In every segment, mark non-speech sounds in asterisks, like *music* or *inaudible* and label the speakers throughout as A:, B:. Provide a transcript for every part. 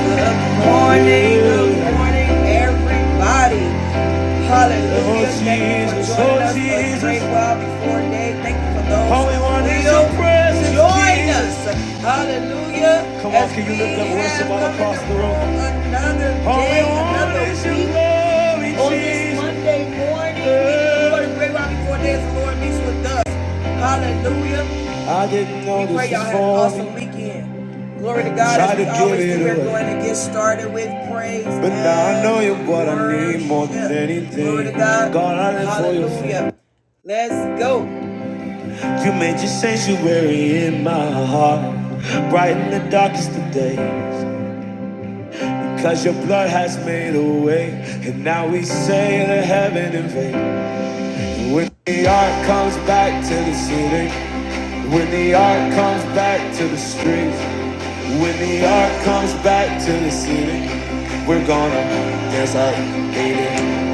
A: Good morning, good morning, everybody. Hallelujah. Oh, Thank you for joining oh, us for a great Jesus. while before day. Thank you for those who we want is your will join us. Hallelujah. Come on, can you we lift up have worship all across the room? room another day, another week on this Monday morning. We give the Lord a great while before day as the Lord meets with us. Hallelujah. I didn't know we this Pray y'all had an awesome weekend. Glory to God. As Tried we to always do, we're going to get started with praise. But now I know you're what I need more than anything. Glory to God. God, I live for you. Hallelujah. Let's go. You made your sanctuary in my heart, bright in the darkest of days. Because your blood has made a way, and now we sail to heaven in vain. When the ark comes back to the city. When the art comes back to the streets, when the art comes back to the city, we're gonna dance like baby,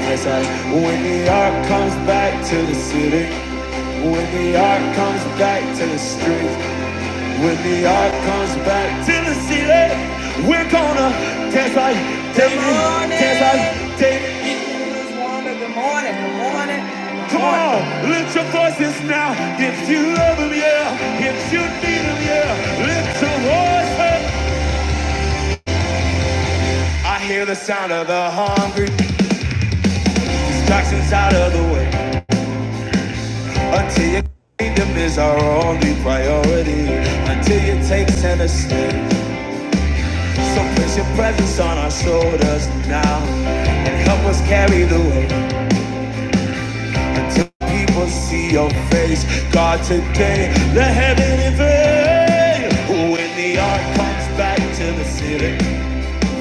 A: dance like. When the art comes back to the city, when the art comes back to the streets. When the art comes back to the city, we're gonna dance like David, dance like David. Good morning, good morning. good morning. Come on, lift your voices now. If you love him, yeah. If you need him, yeah. Lift your voice up. I hear the sound of the hungry, distractions out of the way. Until your kingdom is our only priority. Until you take center stage. So place your presence on our shoulders now and help us carry the weight until people see your face. God, today, let heaven invade. When the ark comes back to the city,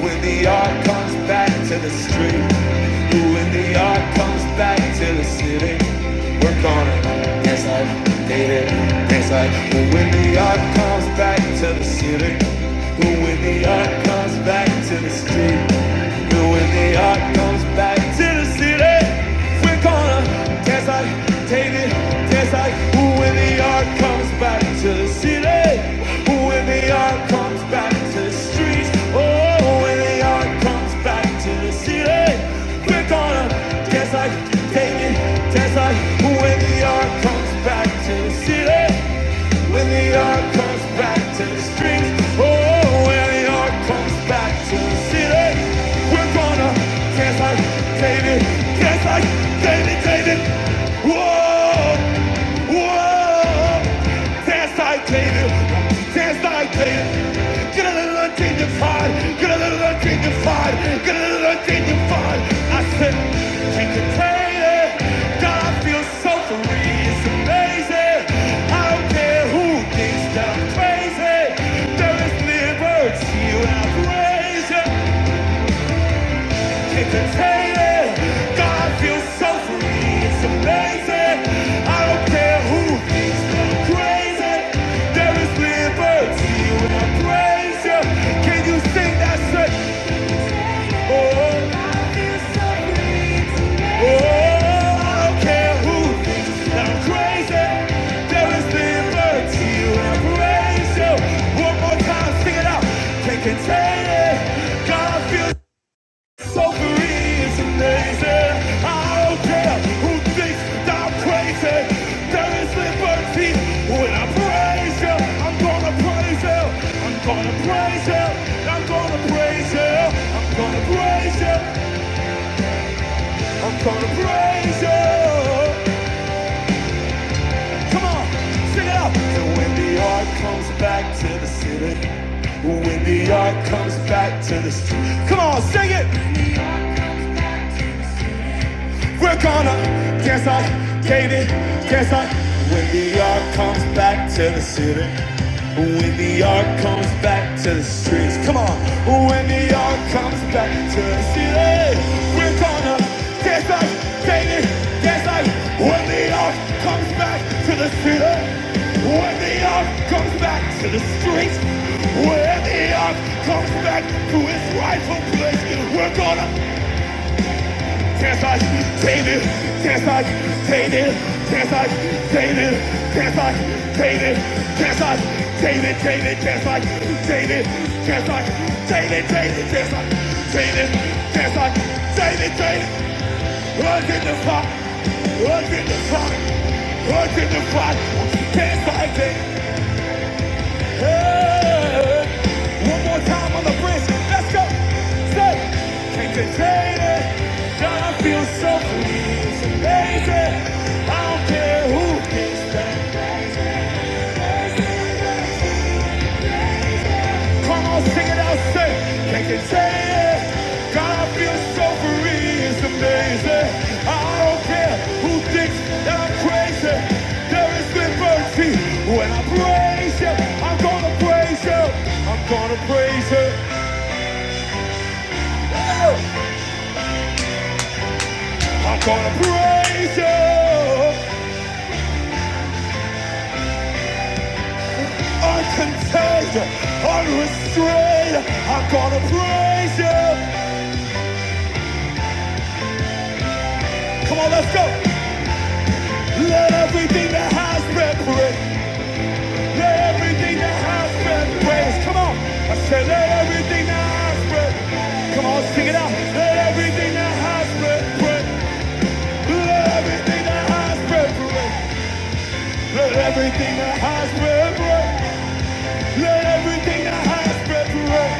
A: when the art comes back to the street, when the art comes back to the city, we're gonna dance like David, dance like. When the art comes back to the city, when the art comes back to the street, when the art comes back to the city, we're gonna dance like David, dance like. When the art comes back to the city. When the art comes back to the streets. Oh, when the art comes back to the city. We're gonna dance like David, dance like when the art comes back to the city. When the art comes back to the streets, oh, when the art comes back to the city, we're gonna dance like David, dance like David, meditating. Whoa, whoa, dance like David, dance like David. Get a little undignified, get a little undignified, get a little undignified. I said, can you take it? God feels so free, it's amazing. I don't care who thinks that I'm crazy. There is liberty when I praise you entertaining. God feels so free. It's amazing. I don't care who thinks I'm crazy. There is liberty when I praise you. Can you sing that straight? Oh, God feels so free. It's amazing. Oh, I don't care who thinks I'm crazy. There is liberty when I praise you. One more time, sing it out. Can't contain it. God feels. So free is amazing. I don't care who thinks that I'm crazy. There is liberty when I praise you. I'm gonna praise you. I'm gonna praise you. I'm gonna praise you. I'm gonna praise you. I'm gonna praise you. Come on, sing it out. And when the ark comes back to the city, when the ark comes back to the street, come on, sing it. When the ark comes back to the We're gonna dance like Katie, dance like when the yard comes back to the city. When the yard comes back to the streets, come on. When the yard comes back to the city, we're gonna dance like Katie, dance like when the yard comes back to the city. When the yard comes back to the streets, when the yard comes back to its rightful place, we're gonna. Desert, baby, desert, David, desert, David, desert, David, desert, David, David, desert, David, desert, David, David, desert, David, desert, David, David, was in the fire, was in the fire, was in the fire, desert, David. Hey, One more time on the bridge. Let's go. Say, can't contain it. God, I feel so free. It's amazing. I don't care who. Come on, sing it out. Say, can't contain it. God, I feel so free. It's amazing. I don't care who thinks that I'm crazy. There is liberty when I praise you. I'm gonna praise you. I'm gonna praise you. Oh! I'm gonna praise you, uncontained, unrestrained. I'm gonna praise you. Come on, let's go. Let everything that has been praised, let everything that has been praised. Come on, I said let everything that has been. Come on, sing it out. Let everything that has been praised, let everything that has been praised, let everything that has been praised, let everything that has been praised.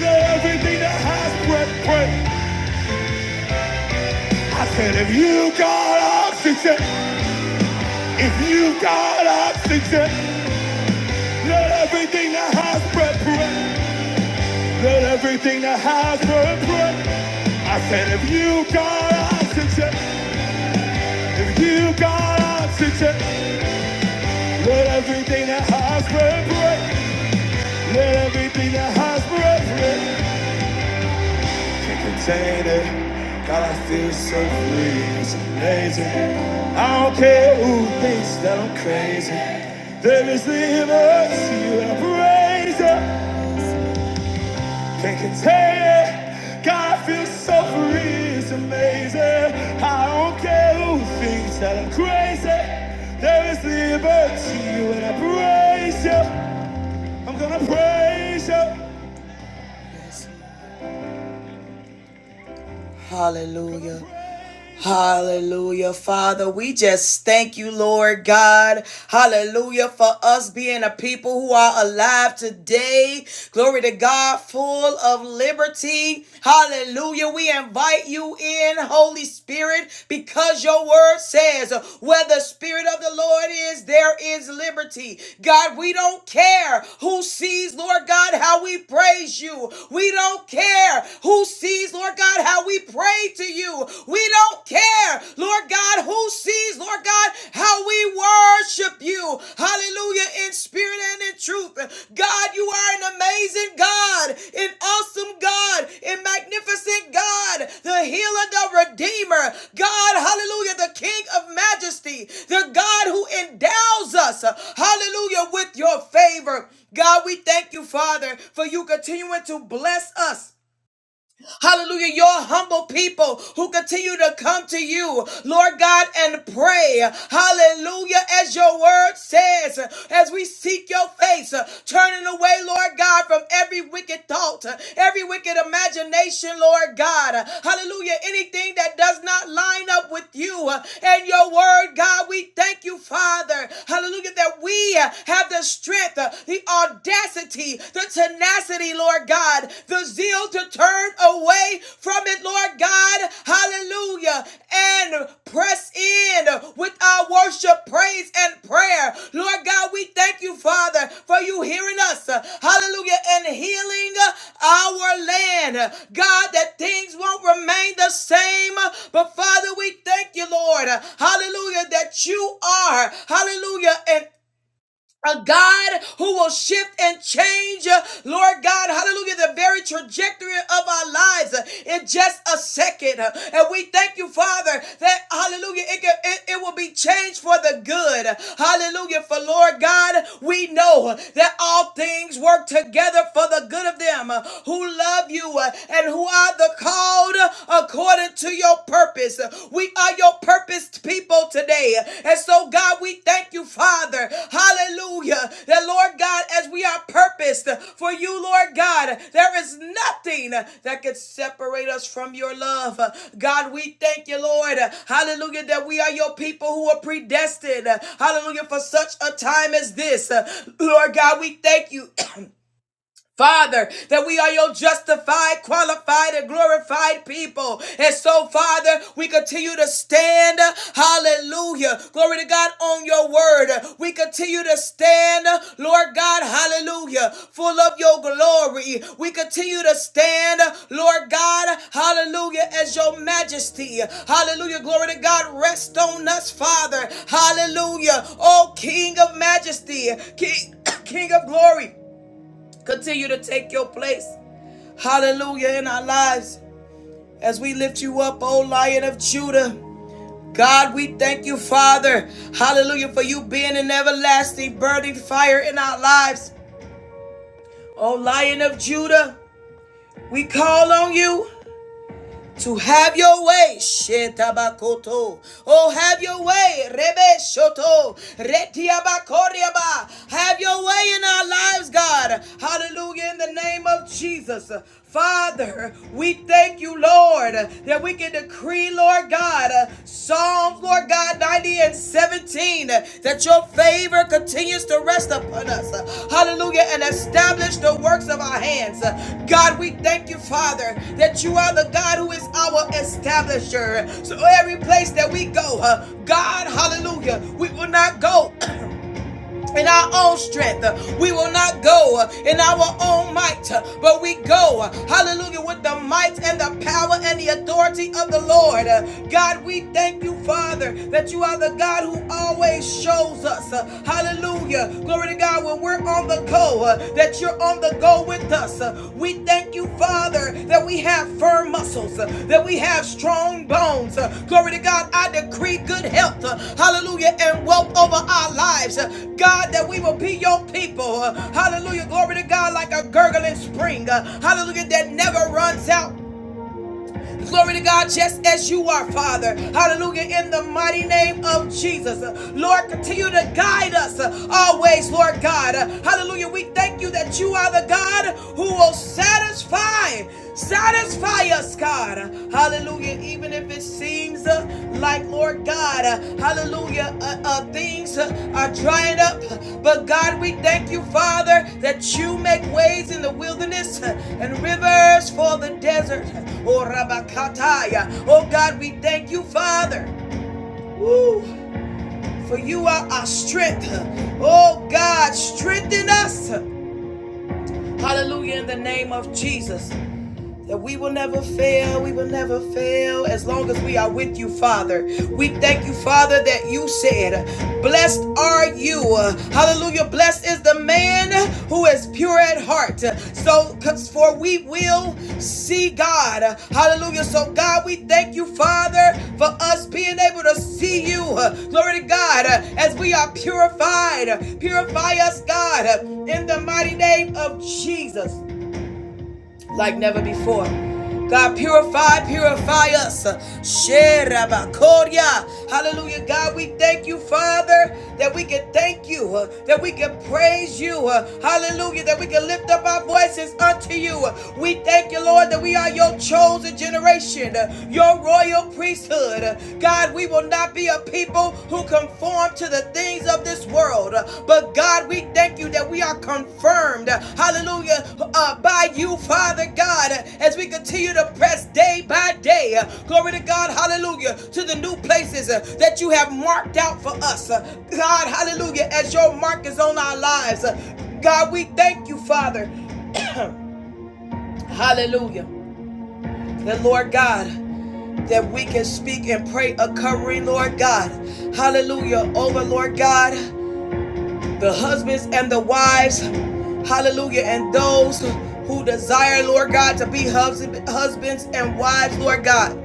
A: Let everything that has breath, breath. I said, if you got oxygen, if you got oxygen, let everything that has breath, breath. Let everything that has breath, breath. I said, if you got oxygen, if you got oxygen, let everything that has breath, breath. Let everything that has breath, breath. can't contain it. God, I feel so free, it's amazing. I don't care who thinks that I'm crazy. There is limits to you, and I praise it. Can't contain it. God, I feel so free, it's amazing. I don't care who thinks that I'm crazy. There is liberty to you, and I praise you. I'm gonna praise you. Hallelujah. Hallelujah, Father. We just thank you, Lord God. Hallelujah, for us being a people who are alive today. Glory to God, full of liberty. Hallelujah. We invite you in, Holy Spirit, because your word says, where the Spirit of the Lord is, there is liberty. God, we don't care who sees, Lord God, how we praise you. We don't care who sees, Lord God, how God, we pray to you. We don't care, Lord God, who sees, Lord God, how we worship you. Hallelujah, in spirit and in truth. God, you are an amazing God, an awesome God, a magnificent God, the healer, the redeemer. God, hallelujah, the King of majesty, the God who endows us, hallelujah, with your favor. God, we thank you, Father, for you continuing to bless us Hallelujah. Your humble people who continue to come to you, Lord God, and pray. Hallelujah. As your word says, as we seek your face, turning away, Lord God, from every wicked thought, every wicked imagination, Lord God. Hallelujah. Anything that does not line up with you and your word, God, we thank you, Father. Hallelujah. That we have the strength, the audacity, the the tenacity, Lord God, the zeal to turn away from it, Lord God. Hallelujah. And press in with our worship, praise, and prayer. Lord God, we thank you, Father, for you hearing us. Hallelujah. And healing our land. God, that things won't remain the same. But Father, we thank you, Lord. Hallelujah. That you are, hallelujah, an a God who will shift and change, uh, Lord God, hallelujah, the very trajectory of our lives uh, in just a second. Uh, And we thank you, Father, that hallelujah, it, can- it, it will be changed for the good. Hallelujah. For Lord God, we know that all things work together for the good of them uh, who love you uh, and who are the called according to your purpose. We are your purposed people today. And so, God, we thank you, Father. Hallelujah. That, Lord God, as we are purposed for you, Lord God, there is nothing that could separate us from your love. God, we thank you, Lord. Hallelujah. That we are your people who are predestined. Hallelujah. For such a time as this. Lord God, we thank you. *clears throat* *coughs* Father, that we are your justified, qualified, and glorified people. And so, Father, we continue to stand, hallelujah, glory to God, on your word. We continue to stand, Lord God, hallelujah, full of your glory. We continue to stand, Lord God, hallelujah, as your majesty. Hallelujah, glory to God, rest on us, Father. Hallelujah, oh King of majesty, King, *coughs* King of glory. Continue to take your place. Hallelujah in our lives as we lift you up, O Lion of Judah. God, we thank you, Father. Hallelujah for you being an everlasting burning fire in our lives. O Lion of Judah, we call on you. to have your way. Shetabakoto. Oh, have your way. Rebe Shoto. Retiabakoriaba. Have your way in our lives, God. Hallelujah. In the name of Jesus. Father, we thank you, Lord, that we can decree, Lord God, Psalm. Psalms, Lord God, 90 and 17, that your favor continues to rest upon us. Hallelujah. And establish the works of our hands. God, we thank you, Father, that you are the God who is our establisher. So every place that we go, uh, God, hallelujah, we will not go. *coughs* in our own strength. We will not go uh, in our own might, uh, but we go, uh, hallelujah, with the might and the power and the authority of the Lord. Uh, God, we thank you, Father, that you are the God who always shows us, uh, hallelujah, glory to God, when we're on the go, uh, that you're on the to go with us. Uh, We thank you, Father, that we have firm muscles, uh, that we have strong bones. Uh, Glory to God, I decree good health, uh, hallelujah, and wealth over our lives. Uh, God, that we will be your people. Uh, Hallelujah, glory to God, like a gurgling spring. Uh, Hallelujah, that never runs out. Glory to God, just as you are, Father. Hallelujah. In the mighty name of Jesus. Uh, Lord, continue to guide us uh, always, Lord God. Uh, Hallelujah. We thank you that you are the God who will satisfy. Satisfy us, God. Hallelujah. Even if it's it seems uh, like, Lord God, uh, hallelujah, uh, uh, things uh, are drying up. But God, we thank you, Father, that you make ways in the wilderness uh, and rivers for the desert. Oh, Rabakataya. Oh, God, we thank you, Father. Woo. For you are our strength. Oh, God, strengthen us. Hallelujah, in the name of Jesus that we will never fail, we will never fail as long as we are with you, Father. We thank you, Father, that you said, Blessed are you. Hallelujah. Blessed is the man who is pure at heart. So, for we will see God. Hallelujah. So, God, we thank you, Father, for us being able to see you. Glory to God, as we are purified. Purify us, God, in the mighty name of Jesus like never before. God, purify, purify us. Sherabakoria. Hallelujah. God, we thank you, Father, that we can thank you, uh, that we can praise you. uh, Hallelujah. That we can lift up our voices unto you. We thank you, Lord, that we are your chosen generation, uh, your royal priesthood. Uh, God, we will not be a people people who conform to the things of this world. But God, we thank you that we are confirmed, hallelujah, uh, by you, Father God, as we continue to press day by day. Glory to God, hallelujah, to the new places uh, that you have marked out for us. Uh, God, hallelujah, as your mark is on our lives. Uh, God, we thank you, Father, hallelujah, The Lord God that we can speak and pray a covering, Lord God. Hallelujah. Over, Lord God. the husbands and the wives, hallelujah, and those who desire, Lord God, to be husbands and wives, Lord God.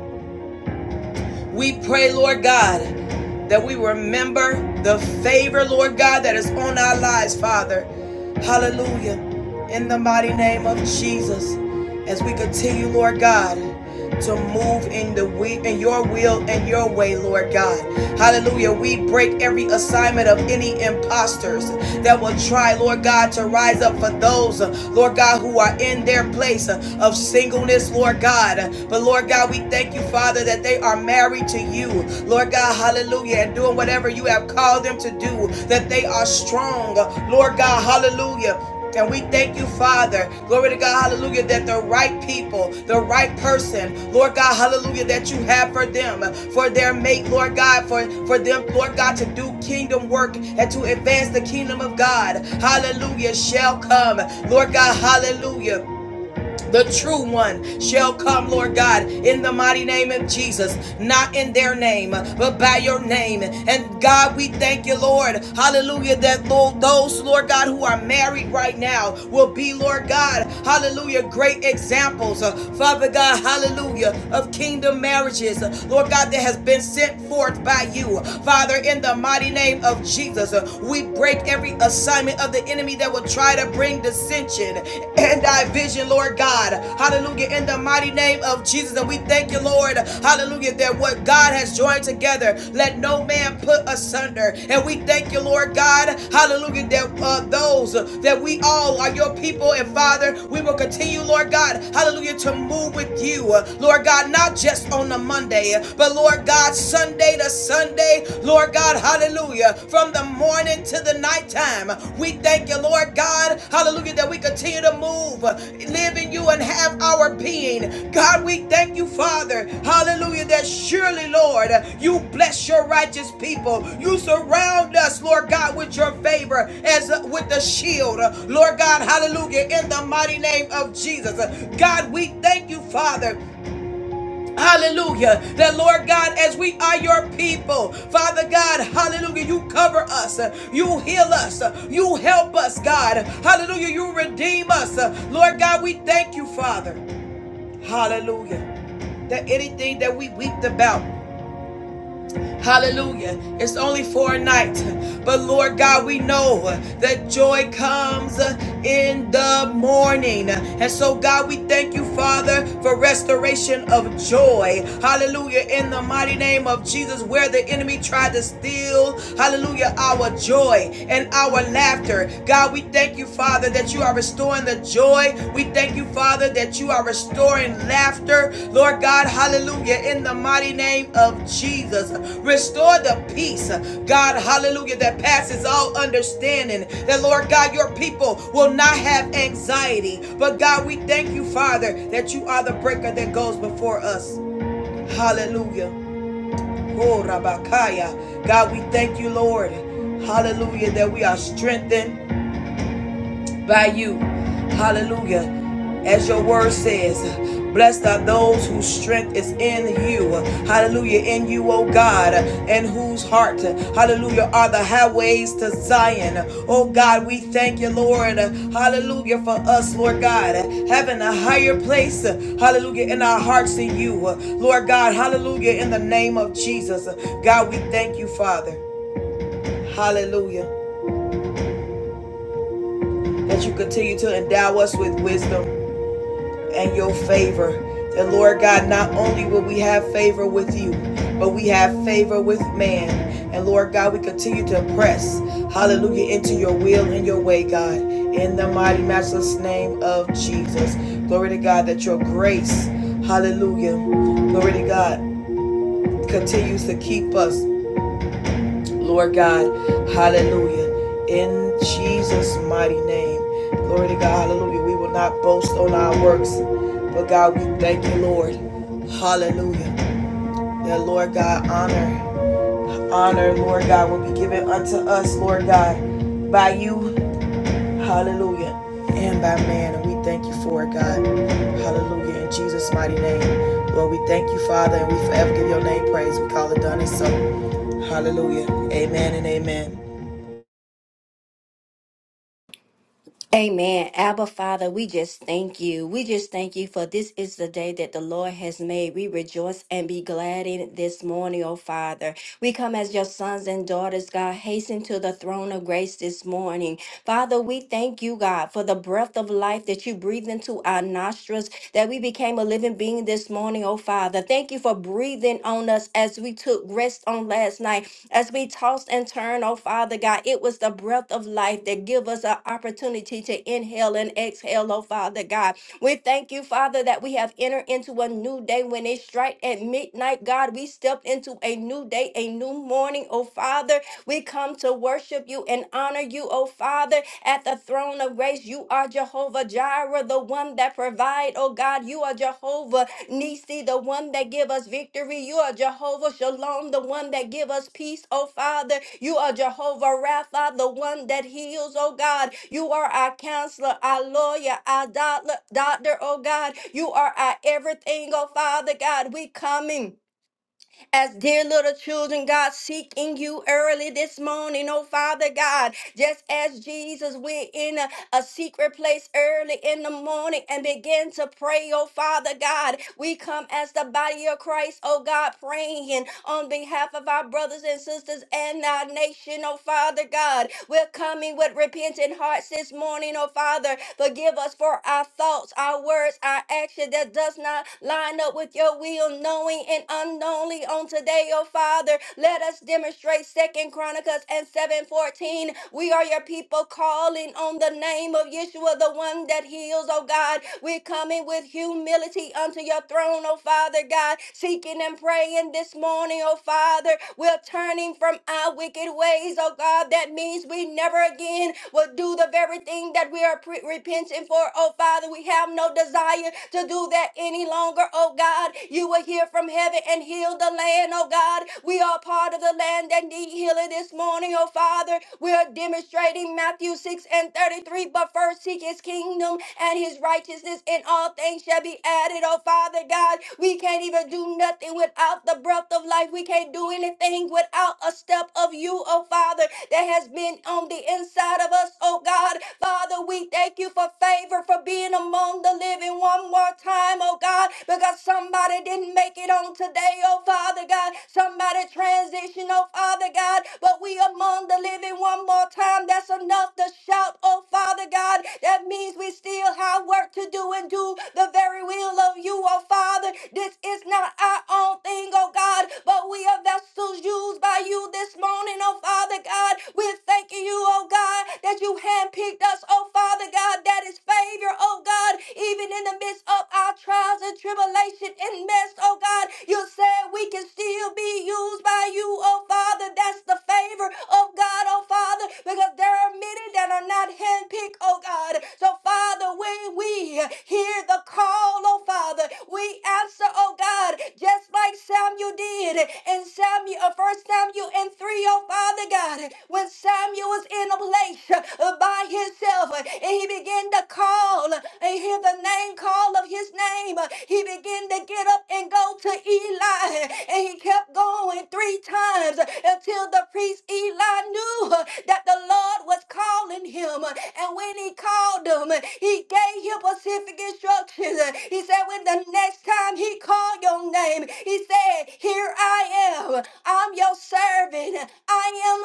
A: We pray, Lord God, that we remember the favor, Lord God, that is on our lives, Father. Hallelujah. In the mighty name of Jesus, as we continue, Lord God, to move in the we in your will and your way, Lord God. Hallelujah. We break every assignment of any imposters that will try, Lord God, to rise up for those, uh, Lord God, who are in their place uh, of singleness, Lord God. But Lord God, we we thank you, Father, that they are married to you, Lord God, hallelujah, and doing whatever you have called them to do, that they are strong, Lord God, hallelujah. And we thank you, Father. Glory to God, hallelujah, that the right people, the right person, Lord God, hallelujah, that you have for them, for their mate, Lord God, for, for them, Lord God, to do kingdom work and to advance the kingdom of God. Hallelujah, shall come. Lord God, hallelujah. The true one shall come, Lord God, in the mighty name of Jesus, not in their name, but by your name. And God, we thank you, Lord. Hallelujah. That Lord, those, Lord God, who are married right now will be, Lord God, hallelujah, great examples, uh, Father God, hallelujah, of kingdom marriages, uh, Lord God, that has been sent forth by you. Father, in the mighty name of Jesus, uh, we break every assignment assignment of the enemy that will try to bring dissension and division, Lord God. Hallelujah. In the mighty name of Jesus. And we thank you, Lord. Hallelujah. That what God has joined together, let no man put asunder. And we thank you, Lord God. Hallelujah. That uh, those that we all are your people and Father, we will continue, Lord God. Hallelujah. To move with you, Lord God, not just on the Monday, but Lord God, Sunday to Sunday. Sunday, Lord God, hallelujah, from the morning to the nighttime. We thank you, Lord God, hallelujah, that we continue to move, live in you, and have our being. God, we thank you, Father, hallelujah, that surely, Lord, you bless your righteous people. You surround us, Lord God, with your favor as with the shield, Lord God, hallelujah, in the mighty name of Jesus. God, we thank you, Father. Hallelujah. That Lord God, as we are your people, Father God, hallelujah, you cover us, you heal us, you help us, God. Hallelujah, you redeem us. Lord God, we thank you, Father. Hallelujah. That anything that we weeped about. Hallelujah. It's only for a night. But Lord God, we know that joy comes in the morning. And so, God, we thank you, Father, for restoration of joy. Hallelujah. In the mighty name of Jesus, where the enemy tried to steal, hallelujah, our joy and our laughter. God, we thank you, Father. Father, that you are restoring the joy. We thank you, Father, that you are restoring laughter. Lord God, hallelujah, in the mighty name of Jesus. Restore the peace, God, hallelujah, that passes all understanding. That, Lord God, your people will not have anxiety. But, God, we thank you, Father, that you are the breaker that goes before us. Hallelujah. Oh, Rabakaya. God, we thank you, Lord. Hallelujah, that we are strengthened by you. Hallelujah. As your word says, blessed are those whose strength is in you. Hallelujah. In you, O God, and whose heart, hallelujah, are the highways to Zion. Oh God, we thank you, Lord. Hallelujah for us, Lord God, having a higher place, hallelujah, in our hearts in you. Lord God, hallelujah, in the name of Jesus. God, we thank you, Father. Hallelujah. That you continue to endow us with wisdom. and your favor. That Lord God, not only will we have favor with you, but we have favor with man. And Lord God, we continue to press, hallelujah, into your will and your way, God, in the mighty, matchless name of Jesus. Glory to God that your grace, hallelujah, glory to God, continues to keep us. Lord God, hallelujah. In Jesus' mighty name. Glory to God, hallelujah. We will not boast on our works, but God, we thank you, Lord. Hallelujah. That Lord God, honor, honor, Lord God, will be given unto us, Lord God, by you, hallelujah, and by man. And we thank you for it, God. Hallelujah. In Jesus' mighty name. Lord, we thank you, Father, and we forever give your name praise. We call it done and so. Hallelujah. Amen and amen.
B: Amen. Abba, Father, we just thank you. We just thank you for this is the day that the Lord has made. We rejoice and be glad in it this morning, oh Father. We come as your sons and daughters, God, hasten to the throne of grace this morning. Father, we thank you, God, for the breath of life that you breathed into our nostrils, that we became a living being this morning, oh Father. Thank you for breathing on us as we took rest on last night. As we tossed and turned, oh Father God, it was the breath of life that give us an opportunity to inhale and exhale, oh Father God. We thank you, Father, that we have entered into a new day. When they strike at midnight, God, we stepped into a new day, a new morning, oh Father. We come to worship you and honor you, oh Father, at the throne of grace. You are Jehovah Jireh, the one that provide, oh God. You are Jehovah Nisi, the one that give us victory. You are Jehovah Shalom, the one that give us peace, oh Father. You are Jehovah Rapha, the one that heals, oh God. You are our counselor, our lawyer, our doctor, doctor, oh God. You are our everything, oh Father God. We coming as dear little children, God, seeking you early this morning, oh Father God. Just as Jesus went in. uh, a secret place early in the morning and begin to pray, oh Father God. We come as the body of Christ, oh God, praying on behalf of our brothers and sisters and our nation, oh Father God. We're coming with repentant hearts this morning, oh Father. Forgive us for our thoughts, our words, our action that does not line up with your will, knowing and unknowingly on today, oh Father. Let us demonstrate Second Chronicles and 7 eleven 14. We are your people calling on the name of Yeshua, the one that heals, oh God. We're coming with humility unto your throne, oh Father God, seeking and praying this morning, oh Father. We're turning from our wicked ways, oh God. That means we never again will do the very thing that we are pre- repenting for, oh Father. We have no desire to do that any longer, oh God. You will hear from heaven and heal the land, oh God. God. We are part of the land that need healing this morning, oh Father. We are demonstrating Matthew 6 and 33. But first seek his kingdom and his righteousness, and all things shall be added, oh Father God. We can't even do nothing without the breath of life. We can't do anything without a step of you, oh Father, that has been on the inside of us, oh God. Father, we thank you for favor, for being among the living one more time, oh God, because Somebody didn't make it on today, oh Father God. Somebody transition, oh Father God. But we among the living one more time. That's enough to shout, oh Father God. That means we still have work to do and do the very will of you, oh Father. This is not our own thing, oh God, but we are vessels used by you this morning, oh Father God. We're thanking you, oh God, that you handpicked us, oh Father God. That is favor, oh God, even in the midst of our trials and tribulation and mess, oh God, you said we can still be used by you, oh Father. That's the favor of God, oh Father, because there are many that are not handpicked, oh God. So, Father, when we hear the call, oh Father, we answer, oh God, just like Samuel did and Samuel, uh, first Samuel and 3, oh Father God, when Samuel was in a place place uh, by himself. uh, And he began to call uh, and hear the name call of his name. uh, He began to get up and go to Eli. uh, And he kept going three times uh, until the priest Eli knew uh, that the Lord was calling him. uh, And when he called him, uh, he gave him specific instructions. uh, He said, When the next time he called your name, he said, Here I am. I'm your servant heaven. I am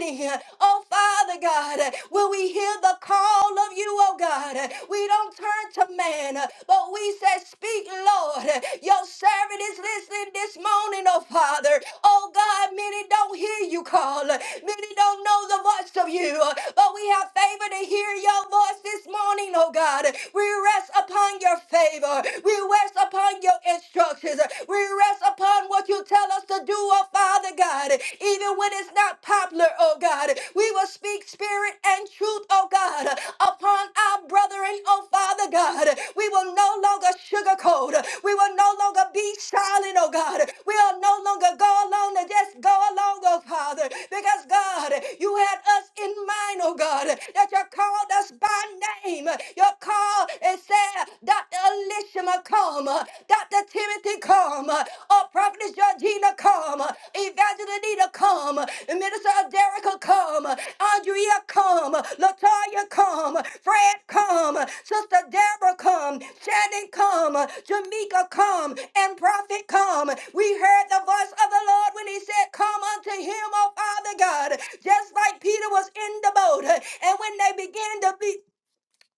B: listening. Oh, Father God, will we hear the call of you, oh God? We don't turn to man, but we say, Speak, Lord. Your servant is listening this morning, oh Father. Oh God, many don't hear you call. Many don't know the voice of you, but we have favor to hear your voice this morning, oh God. We rest upon your favor. We rest upon your instructions. We rest us upon what you tell us to do, oh Father God. Even when it's not popular, oh God, we will speak spirit and truth, oh God, upon our brethren, oh Father God. We will no longer sugarcoat. We will no longer be silent, oh God. We will no longer go along and just go along, oh Father, because God, you had us in mind, oh God, that you called us by name. You called and said, Elishama, come. Dr. Timothy, come. Oh, Prophetess Georgina, come. Evangelina, Anita, come. Minister Aderica, come. Andrea, come. Latoya, come. Fred, come. Sister Deborah, come. Shannon, come. Jamaica, come. And Prophet, come. We heard the voice of the Lord when he said, Come unto him, O Father God. Just like Peter was in the boat. And when they began to be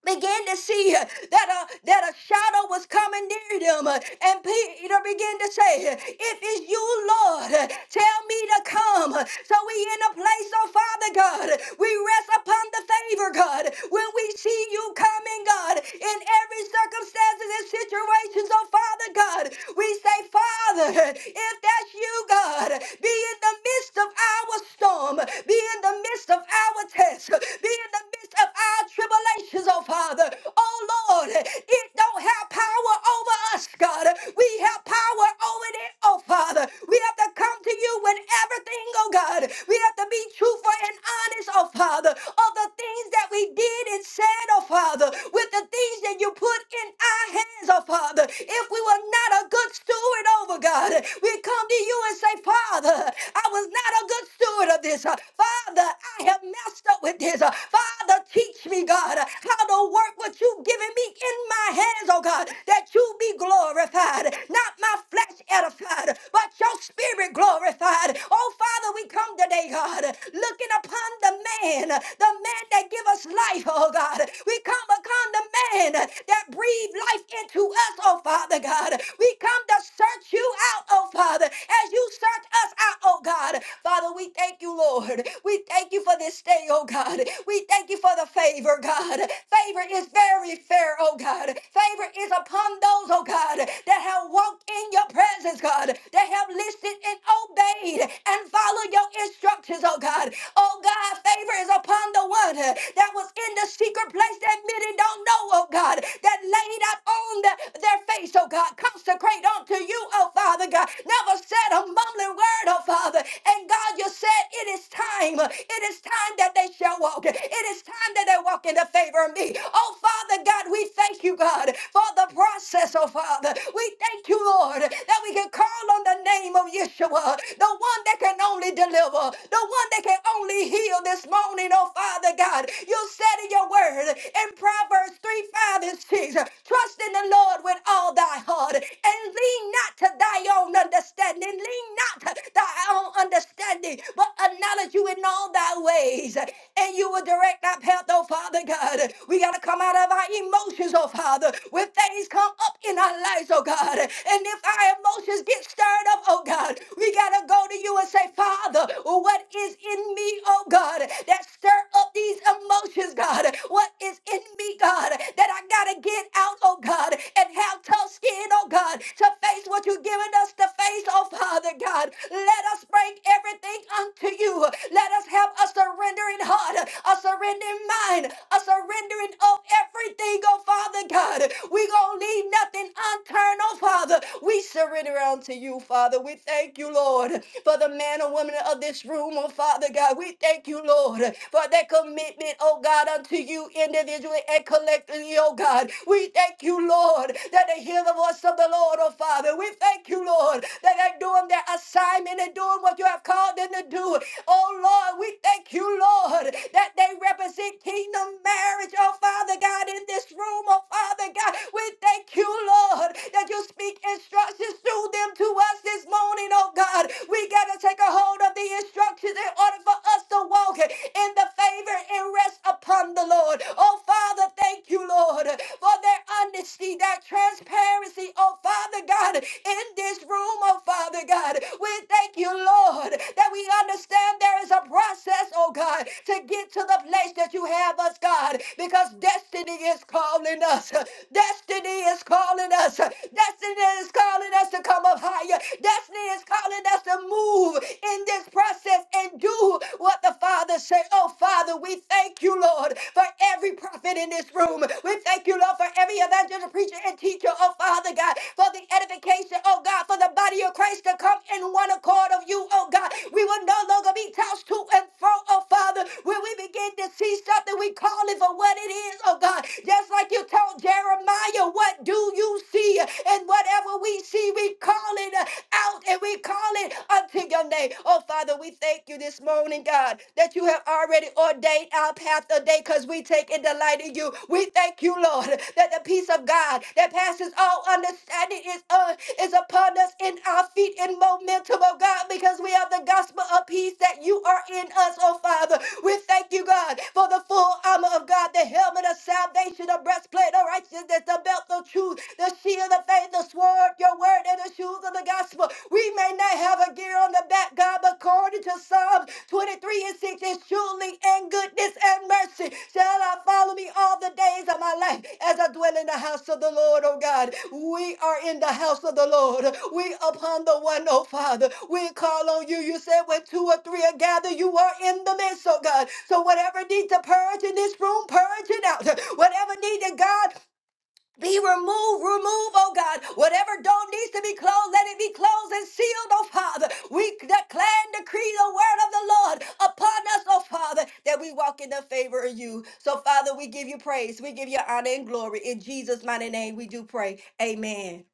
B: began to see uh, that a, that a shadow was coming near them. uh, And Peter began to say, If it's you, Lord, uh, tell me to come. Uh, So we in a place, oh Father God, we rest upon the favor, God. When we see you coming, God, in every circumstance and situation. So, Father God, we say, Father, if that's you, God, be in the midst of our storm, be in the midst of our test, be in the midst of our tribulations, oh Father. Oh Lord, it don't have power over us, God. We have power over it, oh Father. We have to come to you with everything, oh God. We have to be truthful and honest, oh Father, of the things that we did and said, oh Father, with the things that you put in our hands, oh Father. If we were not a good steward over God, we come to you and say, Father, I was not a good steward of this. Father, I have messed up with this. Father, teach me, God, how to work what you've given me in my hands, oh God, that you be glorified, not my flesh edified, but your spirit glorified. Oh Father, we come today, God, looking upon the man, the man that that give us life, oh God. We come upon the man that breathed life into us, oh Father God. We come to search you out, oh Father, as you search us out, oh God. Father, we thank you, Lord. We thank you for this day, oh God. We thank you for the favor, God. Favor is very fair, oh God. Favor is upon those, oh God, that have walked in your presence, God, that have listened and obeyed and followed your instructions, oh God. Oh God, favor favor is upon the one uh, that was in the secret place that many don't know, oh God, that laid out on the- their face, oh God. Consecrate unto you, oh Father God. Never said a mumbling word, oh Father. And God, you said it is time. It is time that they shall walk. It is time that they walk in the favor of me. Oh Father God, we thank you, God, for the process, oh Father. We thank you, Lord, that we can call on the name of Yeshua, the one that can only deliver, the one that can only heal this morning, oh Father God. You said in your word in Proverbs 3 5 and 6 trust in the Lord with all thy heart and lean not to thy own understanding, lean not to thy own understanding, but acknowledge you in all thy ways and you will direct our path, oh Father God. We got to come out of our emotions, oh Father, when things come up in our lives, oh God. And if our emotions get stirred up, oh God, we got to go to you and say, Father, what what is in me, oh God, that stir up these emotions, God? What is in me, God, that I gotta get out, oh God, and have tough skin, oh God, to face what you've given us to face, oh Father God. Let us bring everything unto you. Let us have a surrendering heart, a surrendering mind, a surrendering of everything, oh Father God. We gonna leave nothing unturned, oh Father. We surrender unto you, Father. We thank you, Lord, for the the man or woman of this room, oh Father God. We thank you, Lord, for that commitment, oh God, unto you individually and collectively, oh God. We thank you, Lord, that they hear the voice of the Lord, oh Father. We thank you, Lord, that they're doing their assignment and doing what you have called them to do. Oh Lord, we thank you, Lord, that they represent kingdom marriage, oh Father God, in this room, oh Father God. We thank you, Lord, that you speak instructions through them to us this morning morning, oh God. We got to take a hold of the instructions in order for us to walk in the favor and rest upon the Lord. Oh Father, thank you, Lord, for their honesty, their transparency, oh Father God, in this room, oh Father God. We thank you, Lord, that we understand there is a process, oh God, to get to the place that you have us, God, because destiny is calling us. Destiny is calling us. Destiny is calling us to come come up higher. Destiny is calling us to move in this process and do what the Father say. Oh, Father, we thank you, Lord, for every prophet in this room. We thank you, Lord, for every evangelist, preacher, and teacher. Oh, Father God, for the edification, oh God, for the body of Christ to come in one accord of you, oh God. We will no longer be tossed to and fro, oh Father. When we begin to see something, we call it for what it is, oh God. Just like you told Jeremiah, what do you see? and what? and whatever we see, we call it uh, out and we call it unto your name. Oh, Father, we thank you this morning, God, that you have already ordained our path today because we take and delight in you. We thank you, Lord, that the peace of God that passes all understanding is, uh, is upon us in our feet in momentum, oh God, because we have the gospel of peace that you are in us, oh Father. We thank you, God, for the full armor of God, the helmet of salvation, the breastplate of righteousness, the belt of truth shoes, the shield of faith, the sword, of your word, and the shoes of the gospel. We may not have a gear on the back, God, but according to Psalms 23 and 6, it's surely in goodness and mercy shall I follow me all the days of my life as I dwell in the house of the Lord, oh God. We are in the house of the Lord. We upon the one, oh Father. We call on you. You said when two or three are gathered, you are in the midst, oh God. So whatever needs to purge in this room, purge it out. Whatever needs to God, be removed, remove, oh God. Whatever door needs to be closed, let it be closed and sealed, oh Father. We declare and decree the word of the Lord upon us, oh Father, that we walk in the favor of you. So, Father, we give you praise. We give you honor and glory. In Jesus' mighty name, we do pray. Amen.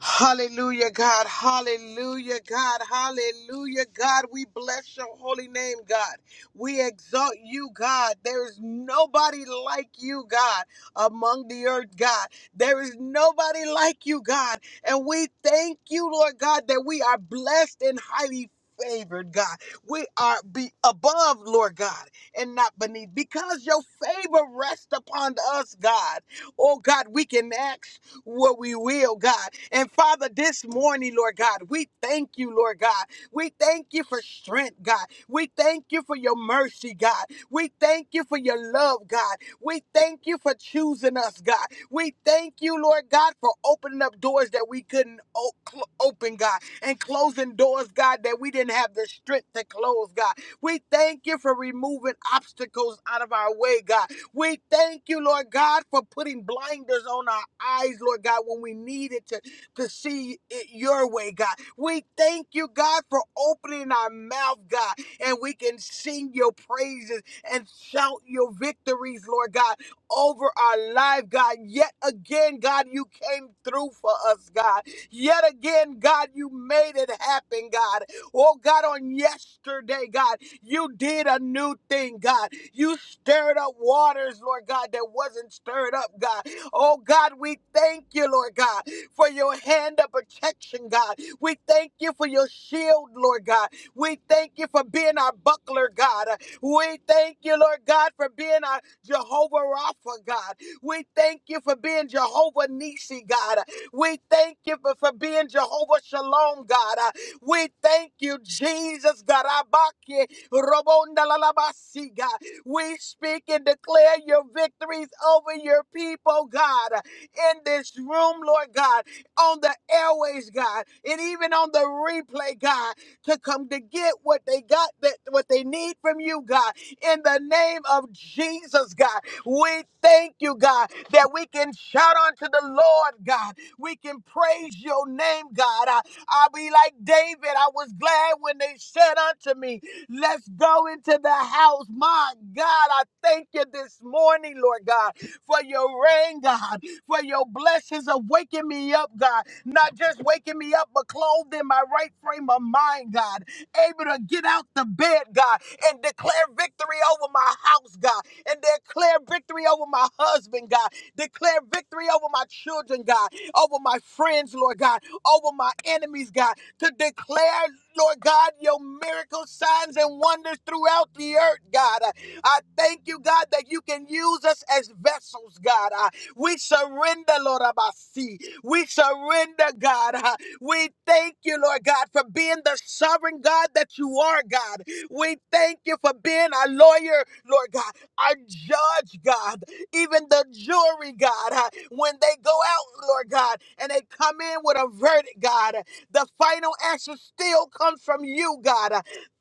C: Hallelujah, God. Hallelujah, God. Hallelujah, God. We bless your holy name, God. We exalt you, God. There is nobody like you, God, among the earth, God. There is nobody like you, God. And we thank you, Lord God, that we are blessed and highly favored, God. We are be above, Lord God, and not beneath because your favor rests upon us, God. Oh, God, we can ask what we will, God. And Father, this morning, Lord God, we thank you, Lord God. We thank you for strength, God. We thank you for your mercy, God. We thank you for your love, God. We thank you for choosing us, God. We thank you, Lord God, for opening up doors that we couldn't o- cl- open, God, and closing doors, God, that we didn't have the strength to close, God. We thank you for removing obstacles out of our way, God. We thank you, Lord God, for putting blinders on our eyes, Lord God, when we needed to, to see it your way, God. We thank you, God, for opening our mouth, God, and we can sing your praises and shout your victories, Lord God, over our life, God. Yet again, God, you came through for us, God. Yet again, God, you made it happen, God. Oh, God, on yesterday, God. You did a new thing, God. You stirred up waters, Lord God, that wasn't stirred up, God. Oh, God, we thank you, Lord God, for your hand of protection, God. We thank you for your shield, Lord God. We thank you for being our buckler, God. We thank you, Lord God, for being our Jehovah Rapha, God. We thank you for being Jehovah Nissi, God. We thank you for, for being Jehovah Shalom, God. We thank you, Jesus, God. Abaki. Robondalalabasiga. We speak and declare your victories over your people, God, in this room, Lord God, on the airways, God, and even on the replay, God, to come to get what they got, that what they need from you, God, in the name of Jesus, God. We thank you, God, that we can shout unto the Lord, God. We can praise your name, God. I, I'll be like David. I was glad when they said unto me, Let's go into the house. My God, I thank you this morning, Lord God, for your rain, God, for your blessings of waking me up, God. Not just waking me up, but clothed in my right frame of mind, God. Able to get out the bed, God, and declare victory over my house, God, and declare victory over my husband, God, declare victory over my children, God, over my friends, Lord God, over my enemies, God to declare, Lord God, your miracles, signs and wonders throughout the earth, God. Uh, I thank you, God, that you can use us as vessels, God. Uh, We surrender, Lord Abasi. We surrender, God. Uh, We thank you, Lord God, for being the sovereign God that you are, God. We thank you for being our lawyer, Lord God, our judge, God, even the jury, God. Uh, When they go out, Lord God, and they come in with a verdict, God, the final answer still comes from you, God.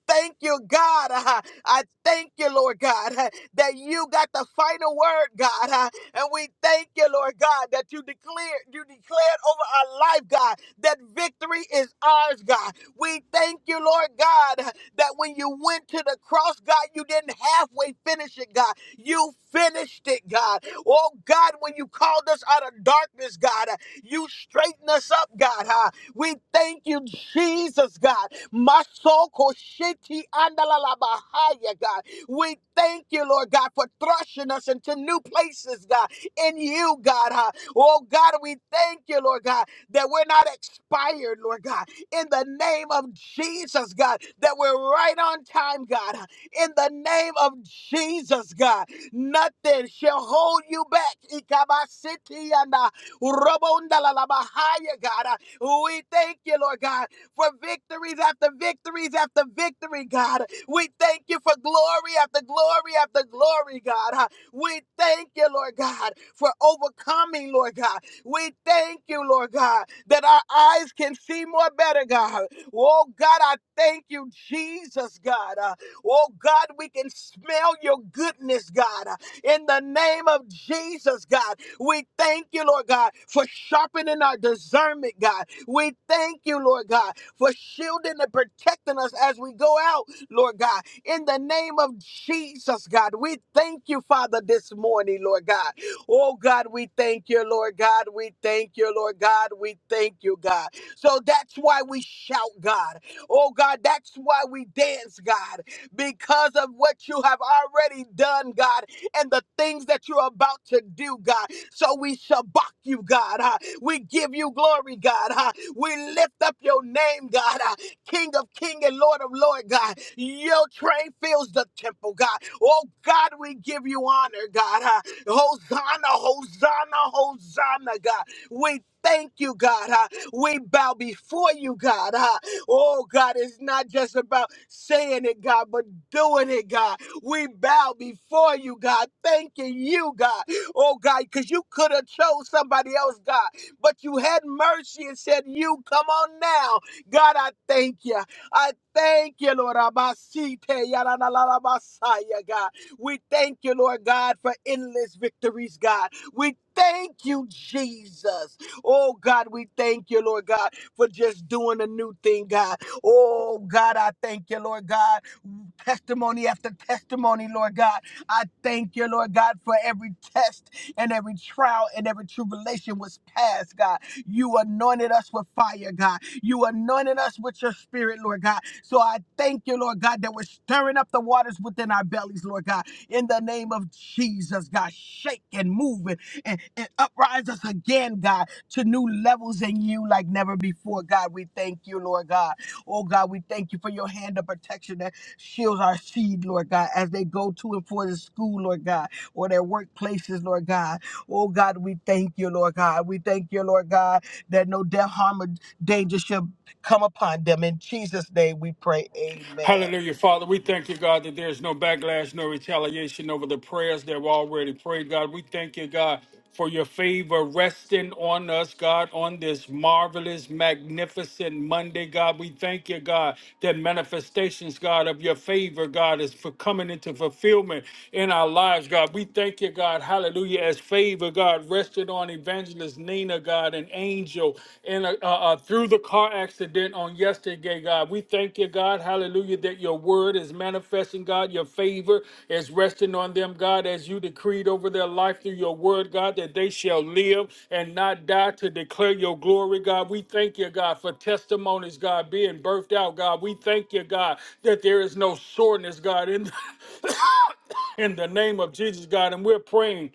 C: Thank you, God. Uh, I thank you, Lord God, uh, that you got the final word, God. Uh, And we thank you, Lord God, that you declared, you declared over our life, God, that victory is ours, God. We thank you, Lord God, uh, that when you went to the cross, God, you didn't halfway finish it, God. You finished it, God. Oh, God, when you called us out of darkness, God, uh, you straightened us up, God. Uh, we thank you, Jesus, God. Masoko shiti andalabahaya, God. We thank you, Lord God, for thrusting us into new places, God, in you, God. huh? Oh, God, we thank you, Lord God, that we're not expired, Lord God, in the name of Jesus, God, that we're right on time, God, huh? in the name of Jesus, God. Nothing shall hold you back. Ikabasiti and uh, Robondalalabahaya, God. huh? We thank you, Lord God, for victories after victories after victory, God. We thank you for glory after glory after glory, God. We thank you, Lord God, for overcoming, Lord God. We thank you, Lord God, that our eyes can see more better, God. Oh, God, I thank you, Jesus, God. Uh, Oh, God, we can smell your goodness, God. Uh, In the name of Jesus, God, we thank you, Lord God, for sharpening our discernment, God. We thank you, Lord God, for shielding and protecting us as we go out, Lord God. In the name of Jesus, God, we thank you, Father, this morning, Lord God. Oh, God, we thank you, Lord God. We thank you, Lord God. We thank you, God. So that's why we shout, God. Oh, God, that's why we dance, God, because of what you have already done, God, and the things that you're about to do, God. So we shabak you, God. huh? We give you glory, God. huh? We lift up your name, God, uh, King of King and Lord of Lord, God. Your train fills the temple, God. Oh, God, we give you honor, God. uh, Hosanna, Hosanna, Hosanna, God. We thank you, God. uh, we bow before you, God. uh, oh, God, it's not just about saying it, God, but doing it, God. We bow before you, God, thanking you, God. Oh, God, because you could have chose somebody else, God but you had mercy and said, You come on now. God, I thank you. I thank you, Lord. Abasite, yaralalabasaya, God. We thank you, Lord God, for endless victories, God. We thank you, Jesus. Oh, God, we thank you, Lord God, for just doing a new thing, God. Oh, God, I thank you, Lord God. Testimony after testimony, Lord God. I thank you, Lord God, for every test and every trial and every tribulation was past, God. You anointed us with fire, God. You anointed us with your spirit, Lord God. So I thank you, Lord God, that we're stirring up the waters within our bellies, Lord God. In the name of Jesus, God, shake and move it and, and uprise us again, God, to new levels in you like never before, God. We thank you, Lord God. Oh, God, we thank you for your hand of protection Shield our seed, Lord God, as they go to and for the school, Lord God, or their workplaces, Lord God. Oh God, we thank you, Lord God. We thank you, Lord God, that no death, harm, or danger shall come upon them. In Jesus' name we pray. Amen.
D: Hallelujah, Father. We thank you, God, that there's no backlash, no retaliation over the prayers that were already prayed, God. We thank you, God, for your favor resting on us, God, on this marvelous, magnificent Monday, God. We thank you, God, that manifestations, God, of your favor, God, is for coming into fulfillment in our lives, God. We thank you, God, hallelujah, as favor, God, rested on evangelist Nina, God, an angel, and uh, uh, uh, through the car accident on yesterday, God, we thank you, God, hallelujah, that your word is manifesting, God, your favor is resting on them, God, as you decreed over their life through your word, God, that they shall live and not die to declare your glory, God. We thank you, God, for testimonies, God, being birthed out, God. We thank you, God, that there is no soreness, God, in *coughs* in the name of Jesus, God, and we're praying.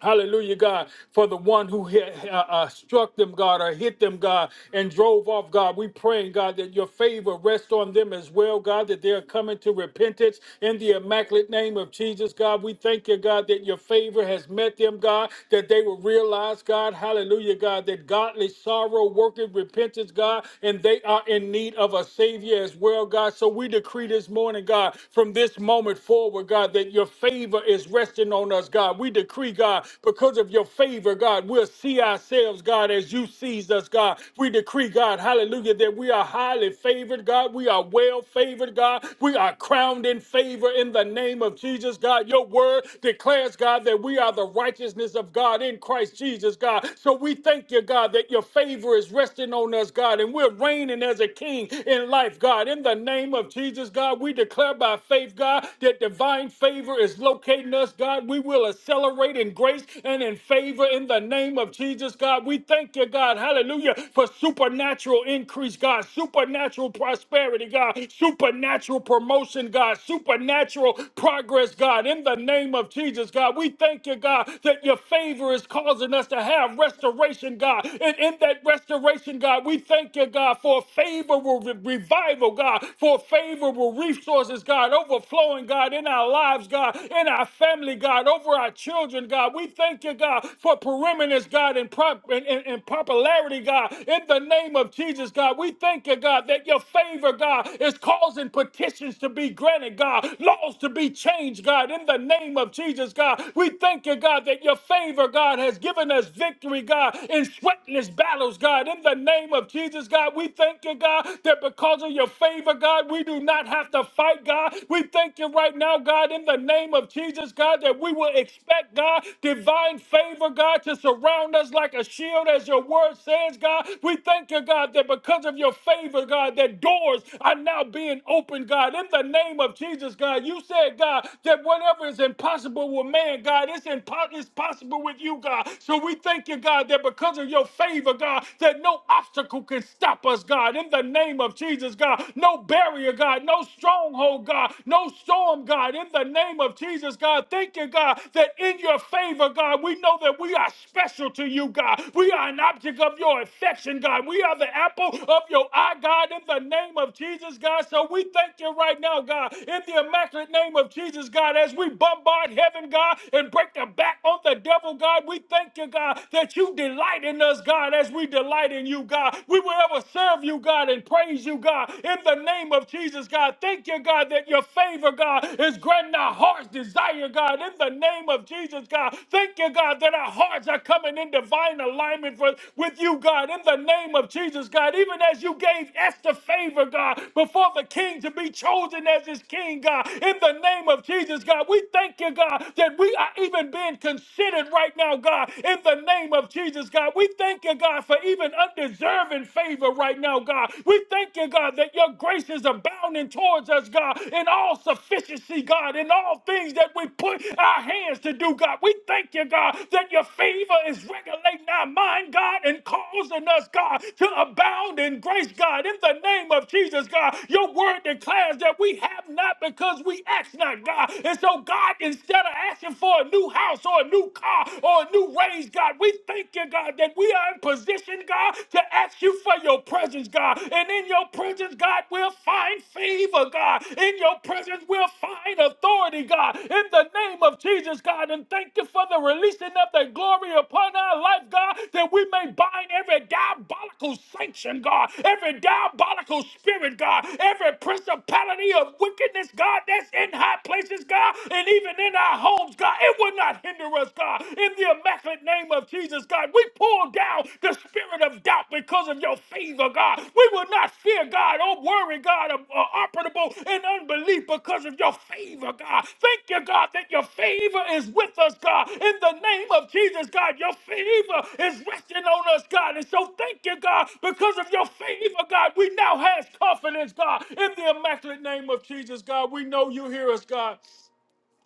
D: Hallelujah, God, for the one who hit, uh, uh, struck them, God, or hit them, God, and drove off, God. We praying, God, that your favor rest on them as well, God, that they are coming to repentance in the immaculate name of Jesus, God. We thank you, God, that your favor has met them, God, that they will realize, God, hallelujah, God, that godly sorrow worketh repentance, God, and they are in need of a Savior as well, God. So we decree this morning, God, from this moment forward, God, that your favor is resting resting on us, God. We decree, God, because of your favor, God, we'll see ourselves, God, as you sees us, God. We decree, God, hallelujah, that we are highly favored, God. We are well favored, God. We are crowned in favor in the name of Jesus, God. Your word declares, God, that we are the righteousness of God in Christ Jesus, God. So we thank you, God, that your favor is resting on us, God, and we're reigning as a king in life, God. In the name of Jesus, God, we declare by faith, God, that divine divine favor is locating us, God. We will accelerate in grace and in favor in the name of Jesus, God. We thank you, God. Hallelujah. For supernatural increase, God. Supernatural prosperity, God. Supernatural promotion, God. Supernatural progress, God. In the name of Jesus, God. We thank you, God, that your favor is causing us to have restoration, God. And in that restoration, God, we thank you, God, for a favorable re- revival, God. For a favorable resource resources, God, overflowing, God, in our lives, God, in our family, God, over our children, God. We thank you, God, for perimeters, God, and, prop- and, and, and popularity, God, in the name of Jesus, God. We thank you, God, that your favor, God, is causing petitions to be granted, God, laws to be changed, God, in the name of Jesus, God. We thank you, God, that your favor, God, has given us victory, God, in sweatless battles, God, in the name of Jesus, God. We thank you, God, that because of your favor, God. We do not have to fight, God. We thank you right now, God, in the name of Jesus, God, that we will expect, God, divine favor, God, to surround us like a shield, as your word says, God. We thank you, God, that because of your favor, God, that doors are now being opened, God, in the name of Jesus, God. You said, God, that whatever is impossible with man, God, it's, impo- it's possible with you, God. So we thank you, God, that because of your favor, God, that no obstacle can stop us, Jesus, God, in the name of Jesus, God. No barrier, God, no stronghold, God, no storm, God, in the name of Jesus, God. Thank you, God, that in your favor, God, we know that we are special to you, God. We are an object of your affection, God. We are the apple of your eye, God, in the name of Jesus, God. So we thank you right now, God, in the immaculate name of Jesus, God, as we bombard heaven, God, and break the back on the devil, God. We thank you, God, that you delight in us, God, as we delight delight in you, God. We will ever serve you, God, and praise you, God, in the name of Jesus, God. Thank you, God, that your favor, God, is granting our heart's desire, God, in the name of Jesus, God. Thank you, God, that our hearts are coming in divine alignment for, with you, God, in the name of Jesus, God. Even as you gave Esther favor, God, before the king to be chosen as his king, God, in the name of Jesus, God. We thank you, God, that we are even being considered right now, God, in the name of Jesus. Jesus, God. We thank you, God, for even undeserving favor right now, God. We thank you, God, that your grace is abounding towards us, God, in all sufficiency, God, in all things that we put our hands to do, God. We thank you, God, that your favor is regulating our mind, God, and causing us, God, to abound in grace, God. In the name of Jesus, God, your word declares that we have not because we ask not, God. And so, God, instead of asking for a new house or a new car, or a new ways, God. We thank you, God, that we are in position, God, to ask you for your presence, God. And in your presence, God, we'll find favor, God. In your presence, we'll find authority, God. In the name of Jesus, God. And thank you for the releasing of the glory upon our life, God, that we may bind every diabolical sanction, God, every diabolical spirit, God, every principality of wickedness, God, that's in high places, God, and even in our homes, God. It will not hinder us, God. In the immaculate name of Jesus, God, we pull down the spirit of doubt because of your favor, God. We will not fear, God, or worry, God, or uh, operable in unbelief because of your favor, God. Thank you, God, that your favor is with us, God. In the name of Jesus, God, your favor is resting on us, God. And so thank you, God, because of your favor, God, we now have confidence, God. In the immaculate name of Jesus, God, we know you hear us, God.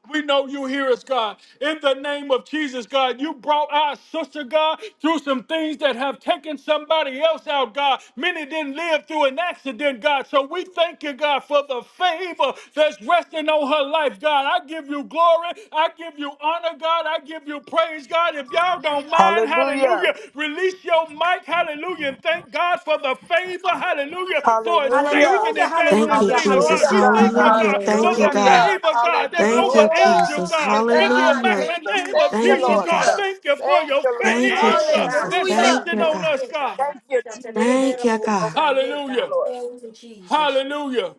D: We know you hear us, God. In the name of Jesus, God, you brought our sister, God, through some things that have taken somebody else out, God. Many didn't live through an accident, God. So we thank you, God, for the favor that's resting on her life, God. I give you glory. I give you honor, God. I give you praise, God. If if y'all don't mind,
C: Hallelujah.
D: hallelujah, release your mic, hallelujah, and thank God for the favor, hallelujah, for
C: Hallelujah.
D: saving
B: Hallelujah,
E: Thank
D: evangelist
E: you,
B: hallelujah,
D: Nina, God.
E: Jesus.
C: Hallelujah,
B: hallelujah.
D: We
C: God.
D: thank you,
E: Hallelujah.
D: God, for
E: Thank you,
D: the
C: Hallelujah,
E: God.
C: God.
D: favor, God, that's
E: Thank
D: over
C: Hallelujah,
E: you,
C: God.
D: angel,
E: Jesus.
D: God, in
C: Thank
D: the
C: you,
E: Hallelujah.
D: immaculate
C: Jesus.
D: name of
C: Thank you,
E: Thank you,
D: Jesus,
C: Lord
D: God.
E: God.
C: God.
D: Thank you for
C: Thank
D: your
C: you, Lord
E: Thank you,
C: God.
D: favor
E: Jesus.
D: that's
E: Thank
A: Hallelujah.
B: Hey,
D: resting
E: you,
D: on
E: God.
D: us, God.
C: Thank you,
B: yeah,
C: Jesus,
E: Thank you,
C: Lord.
E: God.
C: Thank you,
D: Hallelujah,
C: Lord.
D: hallelujah,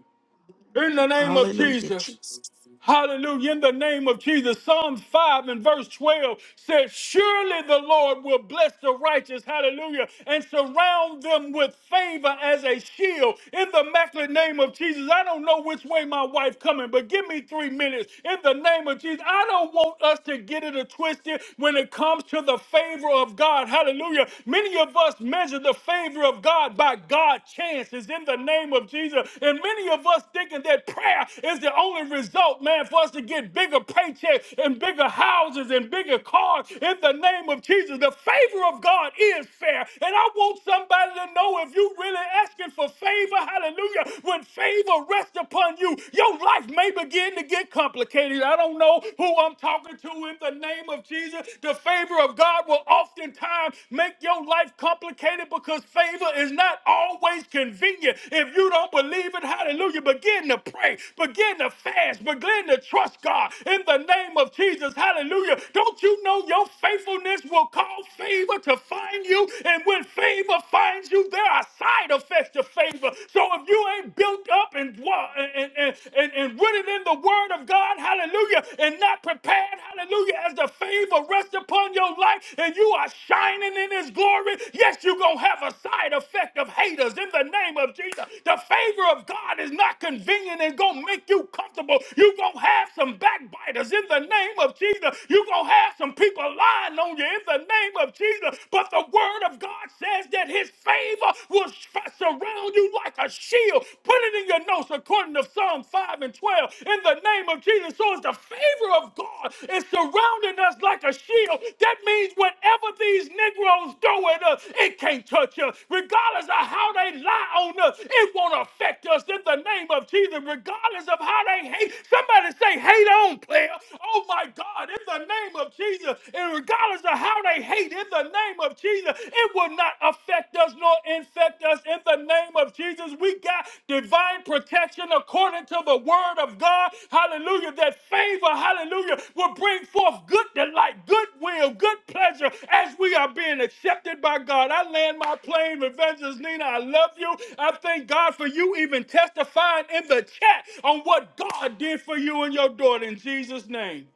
D: in the name of
E: Hallelujah,
D: Jesus.
E: Jesus.
D: Hallelujah. In the name of Jesus. Psalms 5 and verse 12 says, Surely the Lord will bless the righteous. Hallelujah. And surround them with favor as a shield. In the immaculate name of Jesus. I don't know which way my wife coming, but give me three minutes. In the name of Jesus. I don't want us to get it a twisted when it comes to the favor of God. Hallelujah. Many of us measure the favor of God by God chances is in the name of Jesus. And many of us thinking that prayer is the only result, man, for us to get bigger paychecks and bigger houses and bigger cars in the name of Jesus. The favor of God is fair. And I want somebody to know if you really asking for favor, hallelujah, when favor rests upon you, your life may begin to get complicated. I don't know who I'm talking to in the name of Jesus. The favor of God will often oftentimes make your life complicated because favor is not always convenient. If you don't believe it, hallelujah, begin to pray, begin to fast, begin to trust God in the name of Jesus, hallelujah. Don't you know your faithfulness will cause favor to find you? And when favor finds you, there are side effects to favor. So if you ain't built up and, wa- and, and, and, and rooted in the word of God, hallelujah, hallelujah, and not prepared, hallelujah, as the favor rests upon your life and you are shining in his glory, yes, you're going to have a side effect of haters in the name of Jesus. The favor of God is not convenient and going to make you comfortable. You're going to have some backbiters in the name of Jesus. You're going to have some people lying on you in the name of Jesus. But the word of God says that his favor will s- surround you like a shield healed. Put it in your notes according to Psalm 5 and 12. In the name of Jesus. So it's the favor of God is surrounding us like a shield. That means whatever these Negroes do at us, it can't touch us. Regardless of how they lie on us, it won't affect us in the name of Jesus. Regardless of how they hate, somebody say, hate on, player. Oh my God, in the name of Jesus. And regardless of how they hate, in the name of Jesus. Jesus. It will not affect us nor infect us in the name of Jesus. We got divine protection according to the word of God. Hallelujah. That favor, hallelujah, will bring forth good delight, good will, good pleasure as we are being accepted by God. I land my plane, Evangelist Nina. I love you. I thank God for you even testifying in the chat on what God did for you and your daughter in Jesus' name.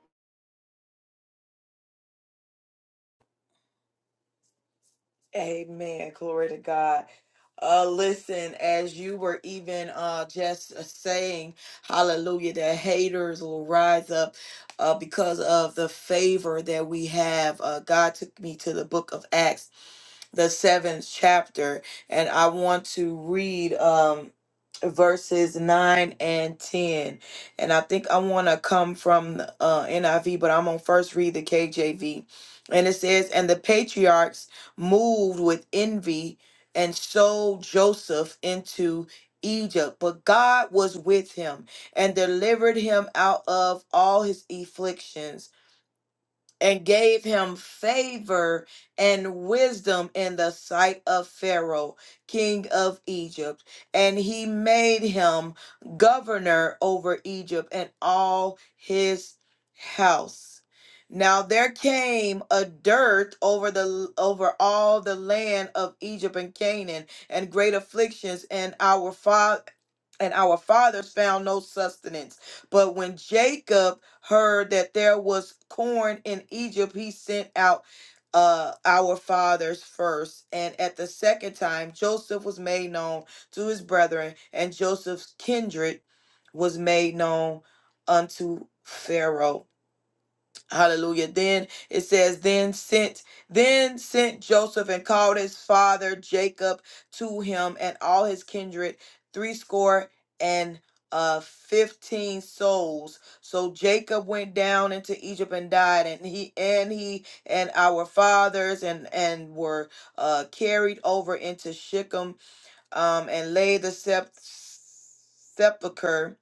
A: Amen. Glory to God. Uh, listen, as you were even uh, just uh, saying, hallelujah, that haters will rise up uh, because of the favor that we have. Uh, God took me to the book of Acts the seventh chapter, and I want to read um, verses 9 and 10. And I think I want to come from the, uh, NIV, but I'm going to first read the KJV. And it says, And the patriarchs moved with envy and sold Joseph into Egypt, but God was with him and delivered him out of all his afflictions and gave him favor and wisdom in the sight of Pharaoh, king of Egypt. And he made him governor over Egypt and all his house. Now there came a dearth over the over all the land of Egypt and Canaan, and great afflictions, and our father and our fathers found no sustenance. But when Jacob heard that there was corn in Egypt, he sent out uh our fathers first and at the second time joseph was made known to his brethren and joseph's kindred was made known unto pharaoh Hallelujah. Then it says, then sent, then sent Joseph and called his father Jacob to him and all his kindred, threescore and uh fifteen souls. So Jacob went down into Egypt and died, and he and he and our fathers and and were uh carried over into Shechem um and laid the sep- sepulcher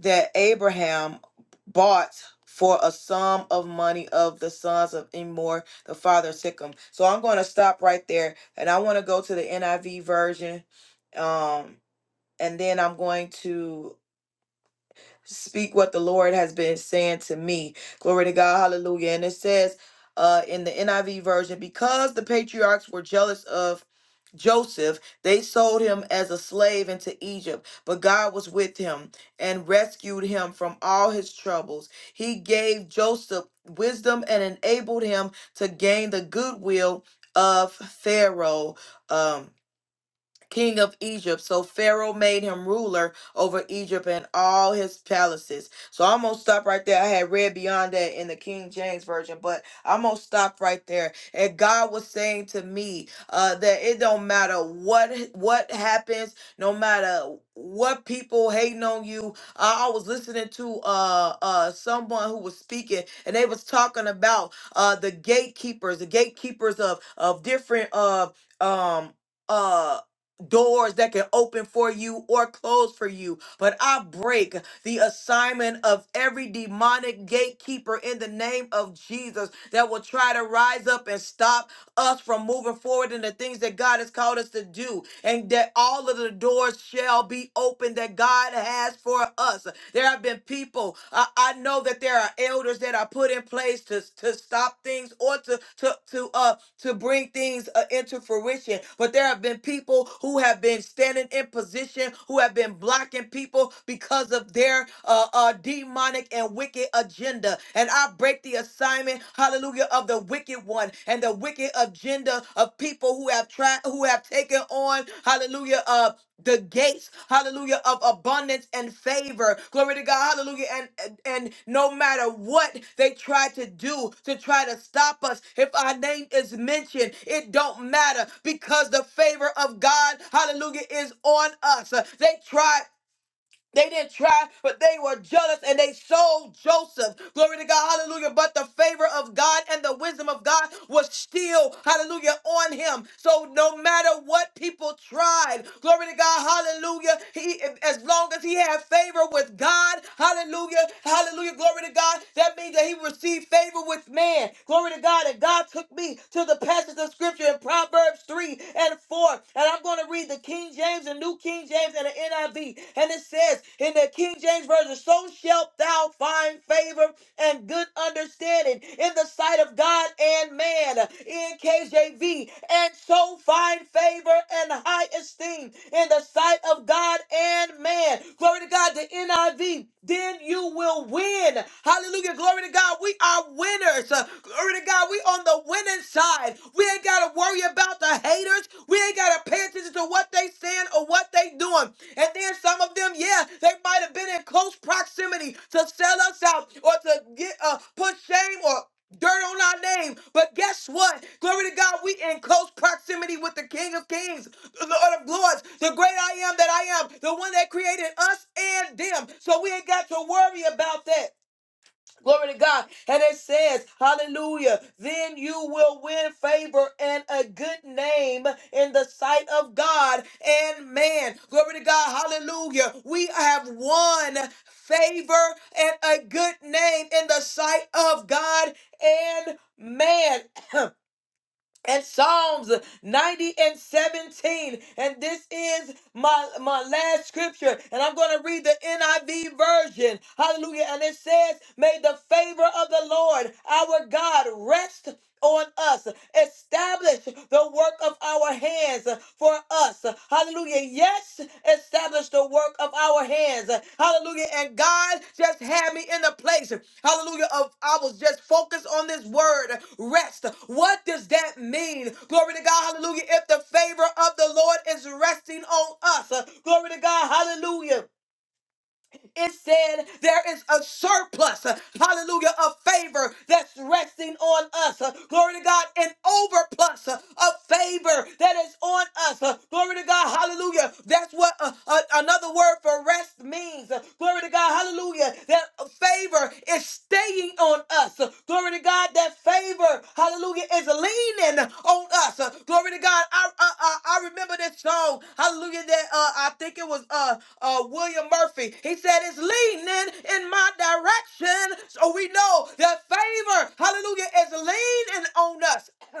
A: that Abraham bought for a sum of money of the sons of Emor, the father of Sikkim. So I'm going to stop right there, and I want to go to the NIV version, um, and then I'm going to speak what the Lord has been saying to me. Glory to God. Hallelujah. And it says uh, in the NIV version, because the patriarchs were jealous of Joseph, they sold him as a slave into Egypt, but God was with him and rescued him from all his troubles. He gave Joseph wisdom and enabled him to gain the goodwill of Pharaoh. Um, king of Egypt. So Pharaoh made him ruler over Egypt and all his palaces. So I'm going to stop right there. I had read beyond that in the King James Version, but I'm going to stop right there. And God was saying to me uh, that it don't matter what what happens, no matter what people hating on you. I, I was listening to uh, uh, someone who was speaking, and they was talking about uh, the gatekeepers, the gatekeepers of, of different uh, um, uh doors that can open for you or close for you. But I break the assignment of every demonic gatekeeper in the name of Jesus that will try to rise up and stop us from moving forward in the things that God has called us to do. And that all of the doors shall be open that God has for us. There have been people. I, I know that there are elders that are put in place to, to stop things or to to to uh to bring things uh, into fruition. But there have been people who have been standing in position, who have been blocking people because of their uh, uh, demonic and wicked agenda. And I break the assignment, hallelujah, of the wicked one and the wicked agenda of people who have tried, who have taken on, hallelujah, uh the gates, hallelujah, of abundance and favor. Glory to God, hallelujah. And, and and no matter what they try to do to try to stop us, if our name is mentioned, it don't matter because the favor of God, hallelujah, is on us. Uh, They try. They didn't try, but they were jealous and they sold Joseph. Glory to God. Hallelujah. But the favor of God and the wisdom of God was still, hallelujah, on him. So no matter what people tried, glory to God. Hallelujah. He, as long as he had favor with God, hallelujah, hallelujah, glory to God. That means that he received favor with man. Glory to God. And God took me to the passage of scripture in Proverbs 3 and 4. And I'm going to read the King James, the New King James, and the NIV. And it says in the King James Version, so shalt thou find favor and good understanding in the sight of God and man. In KJV, and so find favor and high esteem in the sight of God and man. Glory to God, the NIV then you will win. Hallelujah. Glory to God. We are winners. Uh, Glory to God. We on the winning side. We ain't got to worry about the haters. We ain't got to pay attention to what they saying or what they doing. And then some of them, yeah, they might have been in close proximity to sell us out or to get uh, put shame or dirt on our name. But guess what? Glory to God, we in close proximity with the King of Kings, the Lord of Lords, the great I am that I am, the one that created us and them. So we ain't got to worry about that. Glory to God. And it says, Hallelujah, then you will win favor and a good name in the sight of God and man. Glory to God. Hallelujah. We have won favor and a good name in the sight of God and man. *clears throat* and Psalms 90 and 17. And this is my, my last scripture. And I'm going to read the NIV version. Hallelujah. And it says, May the favor of the Lord our God rest on us. Establish the work of our hands for us us. Hallelujah. Yes, establish the work of our hands. Hallelujah. And God just had me in a place. Hallelujah. Of I was just focused on this word, rest. What does that mean? Glory to God. Hallelujah. If the favor of the Lord is resting on us. Glory to God. Hallelujah it said there is a surplus, uh, hallelujah, of favor that's resting on us. Uh, Glory to God, an overplus uh, of favor that is on us. Uh, Glory to God, hallelujah. That's what uh, uh, another word for rest means. Uh, Glory to God, hallelujah. That favor is staying on on us. Glory to God, that favor, hallelujah, is leaning on us. Glory to God. I I, I, I remember this song, hallelujah, that uh, I think it was uh, uh, William Murphy. He said, It's leaning in my direction. So we know that favor, hallelujah, is leaning on us. *clears throat*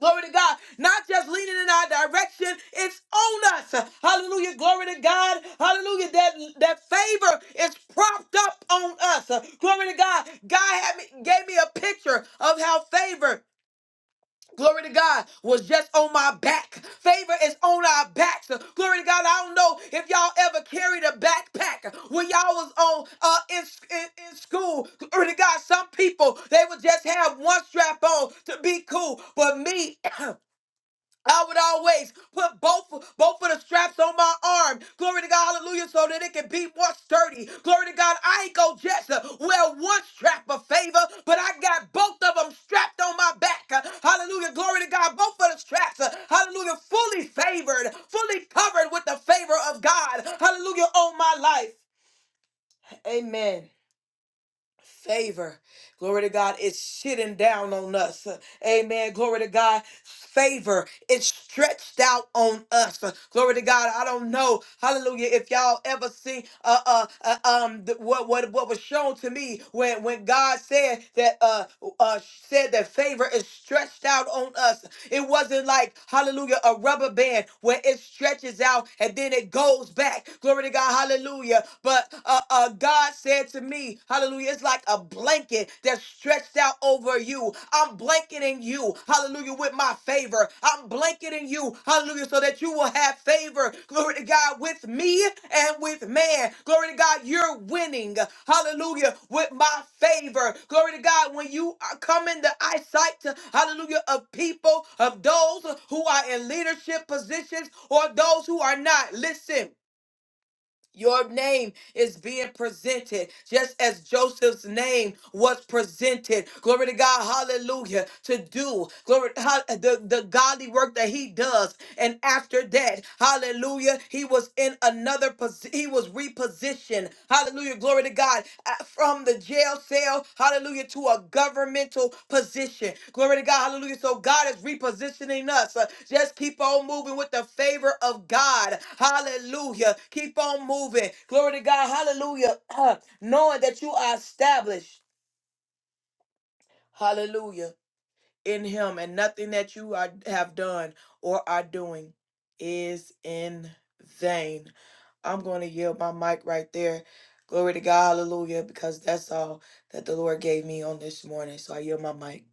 A: Glory to God. Not just leaning in our direction, it's on us. Hallelujah. Glory to God. Hallelujah. That that favor is propped up on us. Glory to God. God had me, gave me a picture of how favor Glory to God was just on my back. Favor is on our backs. Glory to God. I don't know if y'all ever carried a backpack when y'all was on uh, in, in, in school. Glory to God. Some people they would just have one strap on to be cool, but me. *clears throat* I would always put both both of the straps on my arm. Glory to God, hallelujah, so that it can be more sturdy. Glory to God, I ain't go just uh, wear one strap of favor, but I got both of them strapped on my back. Uh, hallelujah, glory to God, both of the straps. uh, hallelujah, fully favored, fully covered with the favor of God. Hallelujah, on my life. Amen. Favor, glory to God, is sitting down on us. Amen. Glory to God. Favor, it's stretched out on us. Glory to God. I don't know. Hallelujah. If y'all ever seen uh, uh, uh um th- what what what was shown to me when when God said that uh uh said that favor is stretched out on us. It wasn't like, hallelujah, a rubber band where it stretches out and then it goes back. Glory to God, hallelujah. But uh, uh, uh, God said to me, hallelujah, it's like a blanket that's stretched out over you. I'm blanketing you, hallelujah, with my favor. I'm blanketing you, hallelujah, so that you will have favor, glory to God, with me and with man. Glory to God, you're winning, hallelujah, with my favor. Glory to God, when you are- come in the eyesight, hallelujah, of people, of those who are in leadership positions or those who are not. Listen. Your name is being presented just as Joseph's name was presented. Glory to God, hallelujah, to do glory hall- the, the godly work that he does. And after that, hallelujah, he was in another position, he was repositioned. Hallelujah, glory Glory to God, uh, from the jail cell, hallelujah, to a governmental position. Glory to God, hallelujah. So God is repositioning us. Uh, Just keep on moving with the favor of God, hallelujah. Keep on moving. Glory to God, hallelujah. *clears throat* Knowing that you are established, hallelujah in him and nothing that you are, have done or are doing is in vain. I'm going to yield my mic right there. Glory to God, hallelujah, because that's all that the Lord gave me on this morning. So I yield my mic.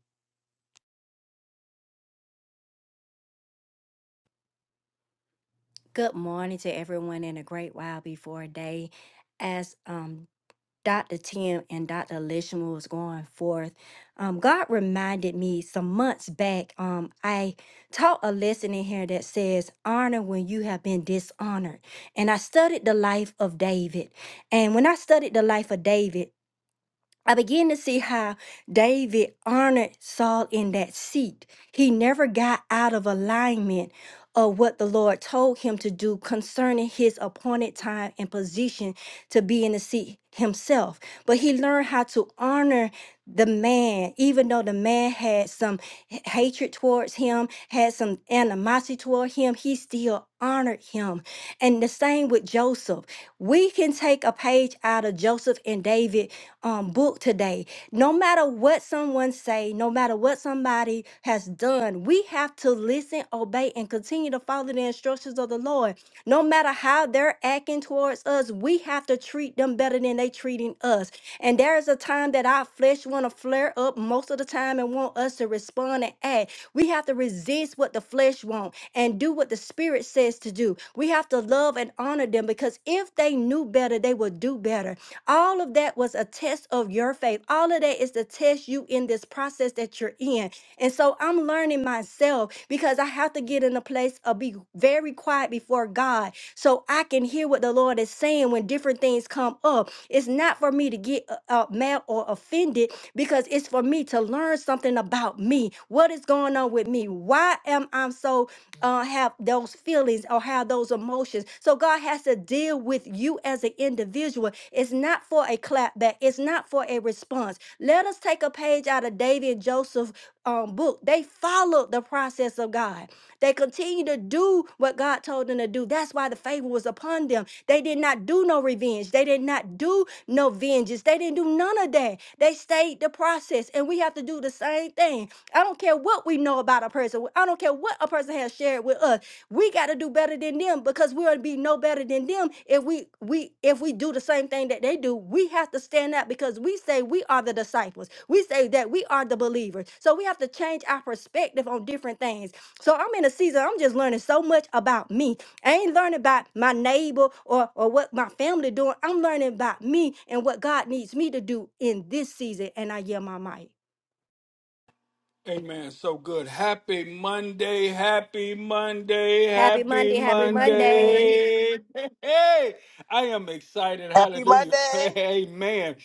B: Good morning to everyone in a great while before day. As um Dr. Tim and Dr. Lishman was going forth, um, God reminded me some months back. Um, I taught a lesson in here that says, Honor when you have been dishonored. And I studied the life of David. And when I studied the life of David, I begin to see how David honored Saul in that seat. He never got out of alignment of what the Lord told him to do concerning his appointed time and position to be in the seat himself. But he learned how to honor the man, even though the man had some h- hatred towards him, had some animosity toward him, he still honored him. And the same with Joseph. We can take a page out of Joseph and David um, book today. No matter what someone say, no matter what somebody has done, we have to listen, obey, and continue to follow the instructions of the Lord. No matter how they're acting towards us, we have to treat them better than they treating us. And there is a time that our flesh want to flare up most of the time and want us to respond and act. We have to resist what the flesh wants and do what the spirit says to do. We have to love and honor them because if they knew better, they would do better. All of that was a test of your faith. All of that is to test you in this process that you're in. And so I'm learning myself because I have to get in a place of be very quiet before God so I can hear what the Lord is saying when different things come up. It's not for me to get uh, uh, mad or offended because it's for me to learn something about me. What is going on with me? Why am I so? uh, have those feelings or have those emotions. So God has to deal with you as an individual. It's not for a clapback. It's not for a response. Let us take a page out of David and Joseph's um, book. They followed the process of God. They continued to do what God told them to do. That's why the favor was upon them. They did not do no revenge. They did not do no vengeance. They didn't do none of that. They stayed the process. And we have to do the same thing. I don't care what we know about a person. I don't care what a person has shared with us. We got to do better than them because we'll be no better than them if we we if we do the same thing that they do. We have to stand out because we say we are the disciples. We say that we are the believers. So we have to change our perspective on different things. So I'm in a season. I'm just learning so much about me. I ain't learning about my neighbor or or what my family doing. I'm learning about me and what God needs me to do in this season. And I yell my mic.
D: Amen. So good. Happy Monday. Happy Monday. Happy
A: Mephibosheth,
D: Monday. Hey, I am excited. Hallelujah. *laughs* Amen.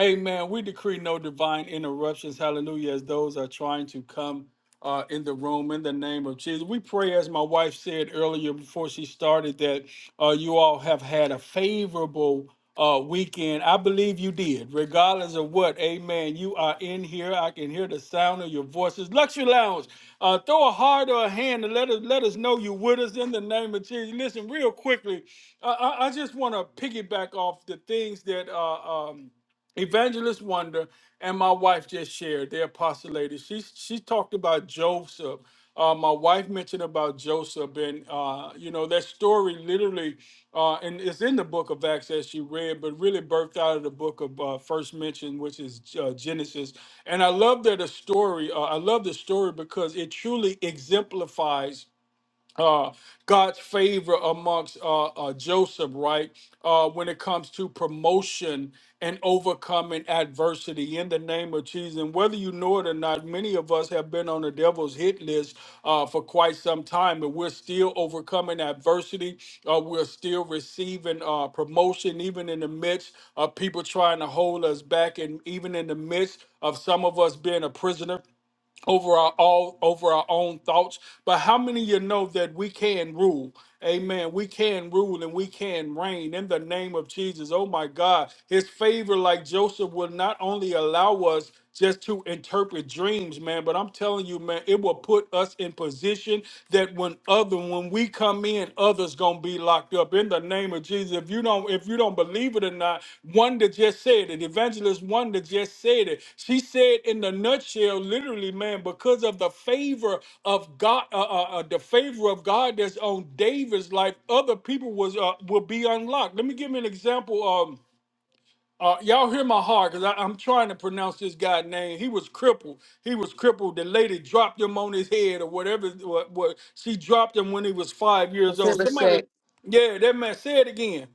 D: Amen. We decree no divine interruptions. Hallelujah. As those are trying to come uh, in the room in the name of Jesus. We pray, as my wife said earlier before she started, that uh, you all have had a favorable uh, weekend. I believe you did, regardless of what. Amen. You are in here. I can hear the sound of your voices. Luxury Lounge, uh, throw a heart or a hand and let us let us know you're with us in the name of Jesus. Listen, real quickly, I, I I just want to piggyback off the things that. Uh, um, Evangelist Wonder and my wife just shared their apostolated. She she talked about Joseph. Uh, my wife mentioned about Joseph, and uh, you know that story literally, uh, and it's in the book of Acts as she read, but really birthed out of the book of uh, first mention, which is uh, Genesis. And I love that a story. Uh, I love the story because it truly exemplifies uh, God's favor amongst uh, uh, Joseph, right? Uh, when it comes to promotion and overcoming adversity in the name of Jesus. And whether you know it or not, many of us have been on the devil's hit list uh, for quite some time, and we're still overcoming adversity. Uh, we're still receiving uh, promotion, even in the midst of people trying to hold us back, and even in the midst of some of us being a prisoner over our all over our own thoughts. But how many of you know that we can rule? Amen. We can rule and we can reign in the name of Jesus. Oh my God. His favor, like Joseph, will not only allow us just to interpret dreams, man, but I'm telling you, man, it will put us in position that when other when we come come in, others gonna be locked up in the name of Jesus. If you don't, if you don't believe it or not, one that just said it, evangelist one that just said it. She said in the nutshell, literally, man, because of the favor of God, uh, uh, uh, the favor of God that's on David's life, other people was uh, will be unlocked. Let me give you an example. Um, uh, y'all hear my heart because I'm trying to pronounce this guy's name. He was crippled. He was crippled. The lady dropped him on his head or whatever. What, what she dropped him when he was five years old. Somebody, yeah, that man. Say it again.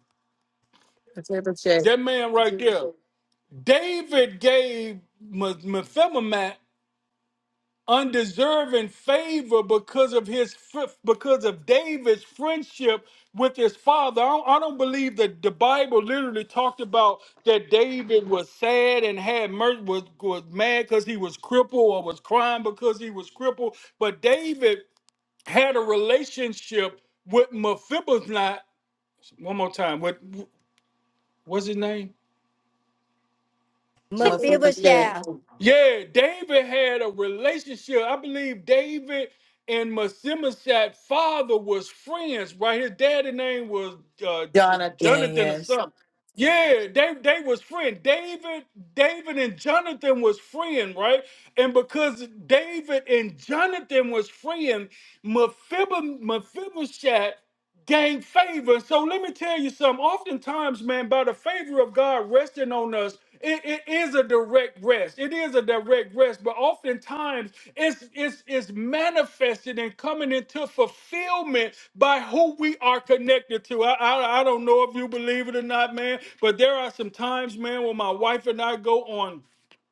A: Mephibosheth,
D: That man right there. David gave me- mephibosheth undeserving favor because of his fr- because of David's friendship with his father. I don't, I don't believe that the Bible literally talked about that David was sad and had mercy was was mad because he was crippled or was crying because he was crippled. But David had a relationship with Mephibosheth. One more time. What what's his name?
B: Mephibosheth.
A: Mephibosheth,
D: Yeah, David had a relationship. I believe David and Mephibosheth's father was friends, right? His daddy name was uh, J-
A: Jonathan,
D: Jonathan or
A: yes,
D: something. Yeah, they they was friends. David, David and Jonathan was friends, right? And because David and Jonathan was friends, Mephibosheth gain favor. So let me tell you something. Oftentimes, man, by the favor of God resting on us, it, it is a direct rest. It is a direct rest, but oftentimes it's, it's it's manifested and coming into fulfillment by who we are connected to. I, I I don't know if you believe it or not, man, but there are some times, man, when my wife and I go on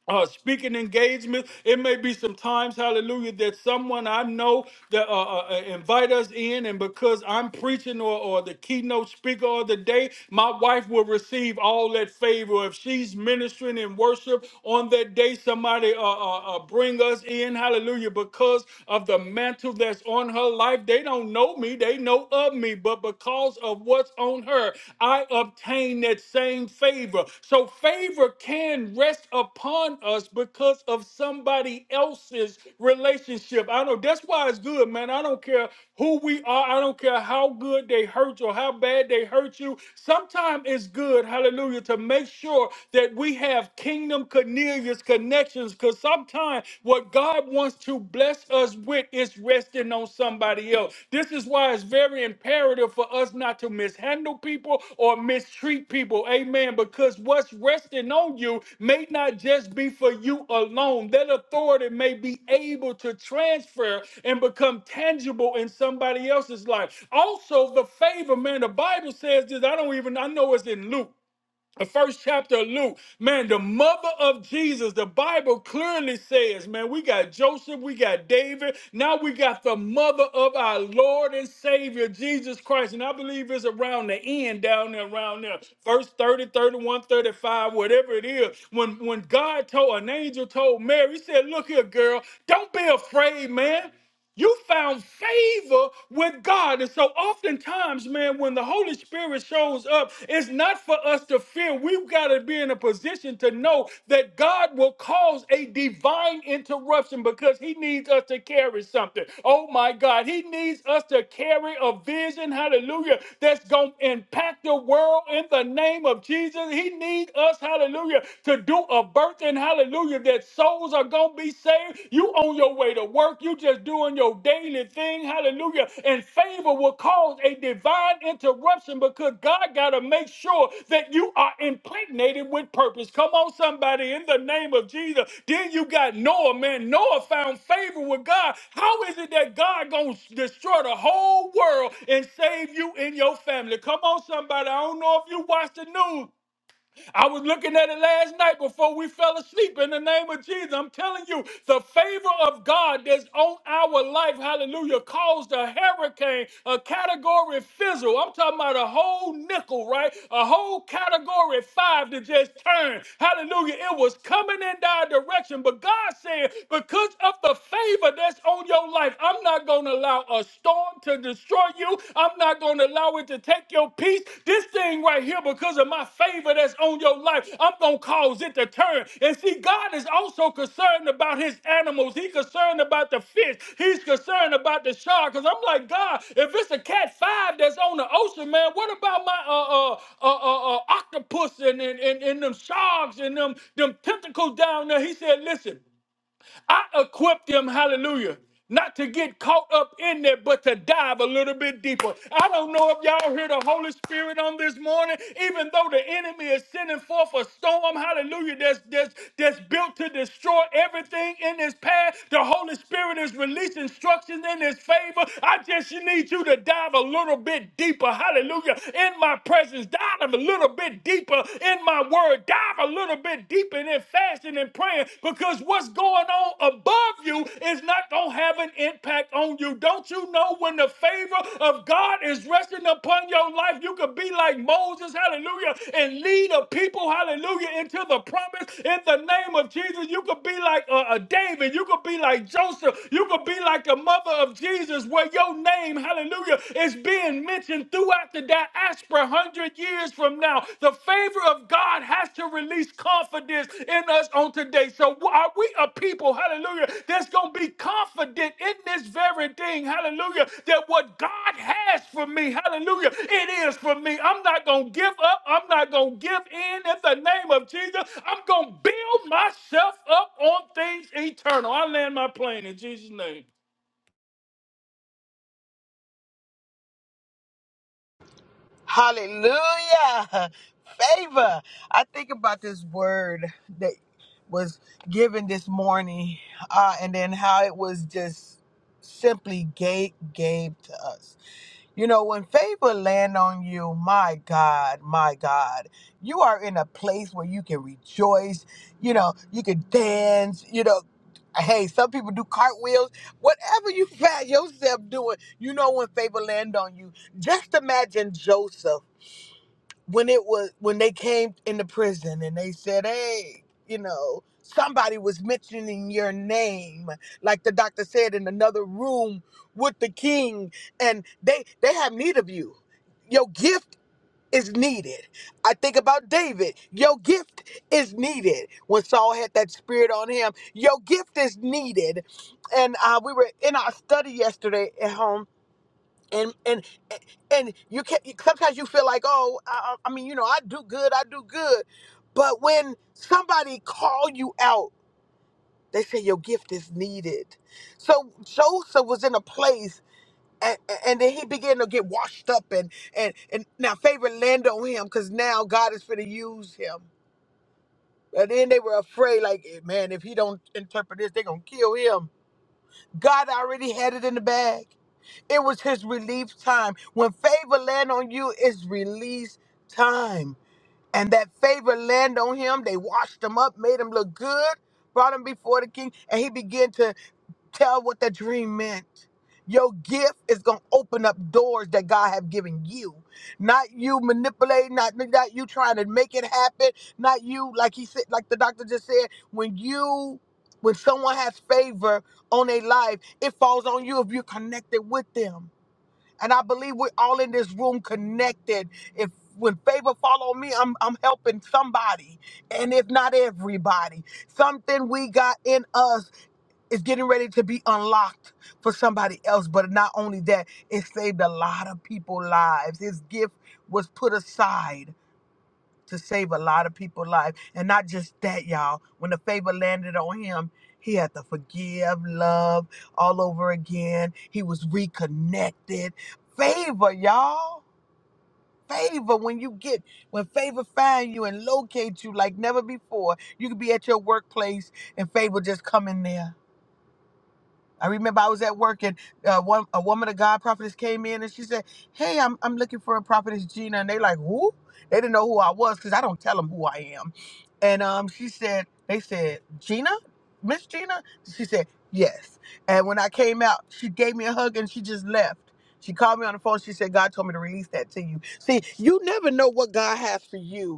D: uh, speaking engagements. It may be some times, hallelujah, that someone I know that uh, uh, uh, invite us in, and because I'm preaching or, or the keynote speaker of the day, my wife will receive all that favor. If she's ministering in worship on that day, somebody uh, uh, uh, bring us in, hallelujah, because of the mantle that's on her life. They don't know me, they know of me, but because of of what's on her, I obtain that same favor. So favor can rest upon us because of somebody else's relationship. I know that's why it's good, man. I don't care who we are. I don't care how good they hurt you or how bad they hurt you. Sometimes it's good, hallelujah, to make sure that we have kingdom Cornelius connections because sometimes what God God wants to bless us with is resting on somebody else. This is why it's very imperative for us not to mishandle people or mistreat people. Amen. Because what's resting on you may not just be for you alone. That authority may be able to transfer and become tangible in somebody else's life. Also, the favor, man, the Bible says this. I don't even, I know it's in Luke the first chapter of Luke, man, the mother of Jesus, the Bible clearly says, man, we got Joseph, we got David, now we got the mother of our Lord and Savior, Jesus Christ. And I believe it's around the end, down there, around there, verse 30, 31, 35, whatever it is. When, when God told, an angel told Mary, he said, Look here, girl, don't be afraid, man. You found favor with God. And so oftentimes, man, when the Holy Spirit shows up, it's not for us to fear. We've got to be in a position to know that God will cause a divine interruption because he needs us to carry something. Oh my God, he needs us to carry a vision, hallelujah, that's going to impact the world in the name of Jesus. He needs us, hallelujah, to do a birthing, hallelujah, that souls are going to be saved. You on your way to work. You just doing your daily thing. Hallelujah. And favor will cause a divine interruption because God got to make sure that you are impregnated with purpose. Come on, somebody, in the name of Jesus. Then you got Noah, man. Noah found favor with God. How is it that God going to destroy the whole world and save you and your family? Come on, somebody. I don't know if you watch the news, I was looking at it last night before we fell asleep in the name of Jesus. I'm telling you, the favor of God that's on our life, hallelujah, caused a hurricane, a category fizzle. I'm talking about a whole nickel, right? A whole category five to just turn. Hallelujah. It was coming in that direction, but God said, because of the favor that's on your life, I'm not going to allow a storm to destroy destroy you. I'm not going to allow it to take your peace. This thing right here, because of my favor that's on your life, I'm going to cause it to turn. And see, God is also concerned about his animals. He's concerned about the fish. He's concerned about the shark. Because I'm like, God, if it's a cat five that's on the ocean, man, what about my uh, uh, uh, uh, uh, octopus and, and, and, and them sharks and them, them tentacles down there? He said, listen, I equipped them, hallelujah, not to get caught up in there, but to dive a little bit deeper. I don't know if y'all hear the Holy Spirit on this morning, even though the enemy is sending forth a storm, hallelujah, that's, that's, that's built to destroy everything in his path. The Holy Spirit is releasing instructions in his favor. I just need you to dive a little bit deeper, hallelujah, in my presence, dive a little bit deeper in my word word, dive a little bit deeper in fasting and praying because what's going on above you is not going to have an impact on you. Don't you know when the favor of God is resting upon your life, you could be like Moses, hallelujah, and lead a people, hallelujah, into the promise in the name of Jesus. You could be like uh, uh, David, you could be like Joseph, you could be like the mother of Jesus, where your name, hallelujah, is being mentioned even throughout the diaspora, 100 years from now, the favor of God has to release confidence in us on today. So, are we a people, hallelujah, that's going to be confident in this very thing, hallelujah, that what God has for me, hallelujah, it is for me. I'm not going to give up. I'm not going to give in in the name of Jesus. I'm going to build myself up on things eternal. I land my plane in Jesus' name.
C: Hallelujah. Favor. I think about this word that was given this morning uh, and then how it was just simply gave, gave to us. You know, when favor land on you, my God, my God, you are in a place where you can rejoice, you know, you can dance, you know, hey, some people do cartwheels, whatever you *laughs* find yourself doing, you know when favor land on you. Just imagine Joseph when it was when they came into prison and they said, "Hey, you know, somebody was mentioning your name," like the doctor said in another room with the king, and they they have need of you. Your gift is needed. I think about David. Your gift is needed. When Saul had that spirit on him, your gift is needed. And uh, we were in our study yesterday at home and and and you can sometimes you feel like oh I, I I mean you know I do good I do good, but when somebody call you out, they say your gift is needed. So Joseph was in a place. And, and then he began to get washed up and and and now favor landed on him because now God is going to use him. And then they were afraid, like man, if he don't interpret this, they're gonna kill him. God already had it in the bag. It was his relief time. When favor land on you, it's release time. And that favor land on him. They washed him up, made him look good, brought him before the king, and he began to tell what the dream meant. Your gift is gonna open up doors that God have given you. Not you manipulating, not, not you trying to make it happen, not you like he said, like the doctor just said, when you when someone has favor on their life, it falls on you if you're connected with them. And I believe we're all in this room connected. If when favor follow me, I'm I'm helping somebody, and if not everybody, something we got in us is getting ready to be unlocked for somebody else. But not only that, it saved a lot of people's lives. His gift was put aside to save a lot of people's life. And not just that, y'all. When the favor landed on him, he had to forgive, love all over again. He was reconnected. Favor, y'all. Favor when you get when favor find you and locate you like never before. You could be at your workplace and favor just come in there I remember I was at work and uh, one a woman of God prophetess came in and she said, "Hey, I'm I'm looking for a prophetess Gina," and they like, "Who?" They didn't know who I was because I don't tell them who I am. And um, she said, "They said Gina, Miss Gina." She said, "Yes." And when I came out, she gave me a hug and she just left. She called me on the phone. She said, "God told me to release that to you." See, you never know what God has for you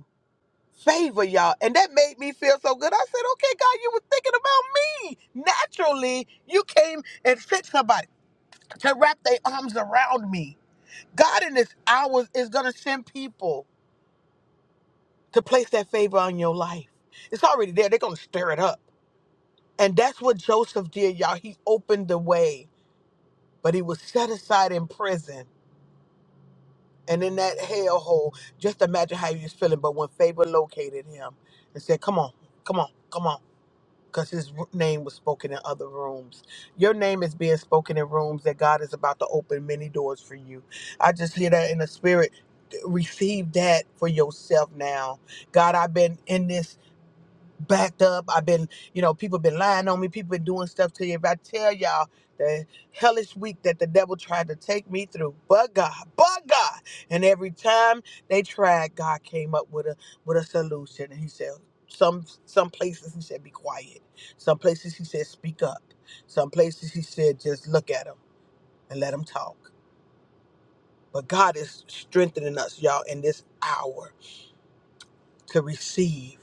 C: favor, y'all. And that made me feel so good. I said, okay, God, you were thinking about me. Naturally, you came and sent somebody to wrap their arms around me. God in this hour is going to send people to place that favor on your life. It's already there. They're going to stir it up. And that's what Joseph did, y'all. He opened the way, but he was set aside in prison and in that hellhole. Just imagine how he was feeling. But when favor located him and said, come on, come on, come on. because his r- name was spoken in other rooms. Your name is being spoken in rooms that God is about to open many doors for you. I just hear that in the spirit. Receive that for yourself now. God, I've been in this backed up. I've been, you know, people been lying on me. People been doing stuff to you. If I tell y'all the hellish week that the devil tried to take me through, but God, but God, and every time they tried, God came up with a with a solution, and He said. Some some places he said be quiet. Some places he said speak up. Some places he said just look at them and let them talk. But God is strengthening us, y'all, in this hour to receive.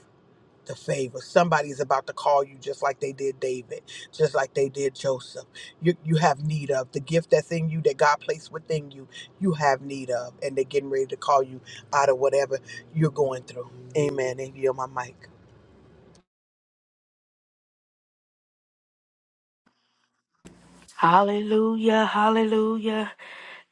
C: the favor. Somebody is about to call you just like they did David, just like they did Joseph. You you have need of the gift that's in you that God placed within you. You have need of, and they're getting ready to call you out of whatever you're going through. Amen. And you on my mic.
E: Hallelujah. Hallelujah.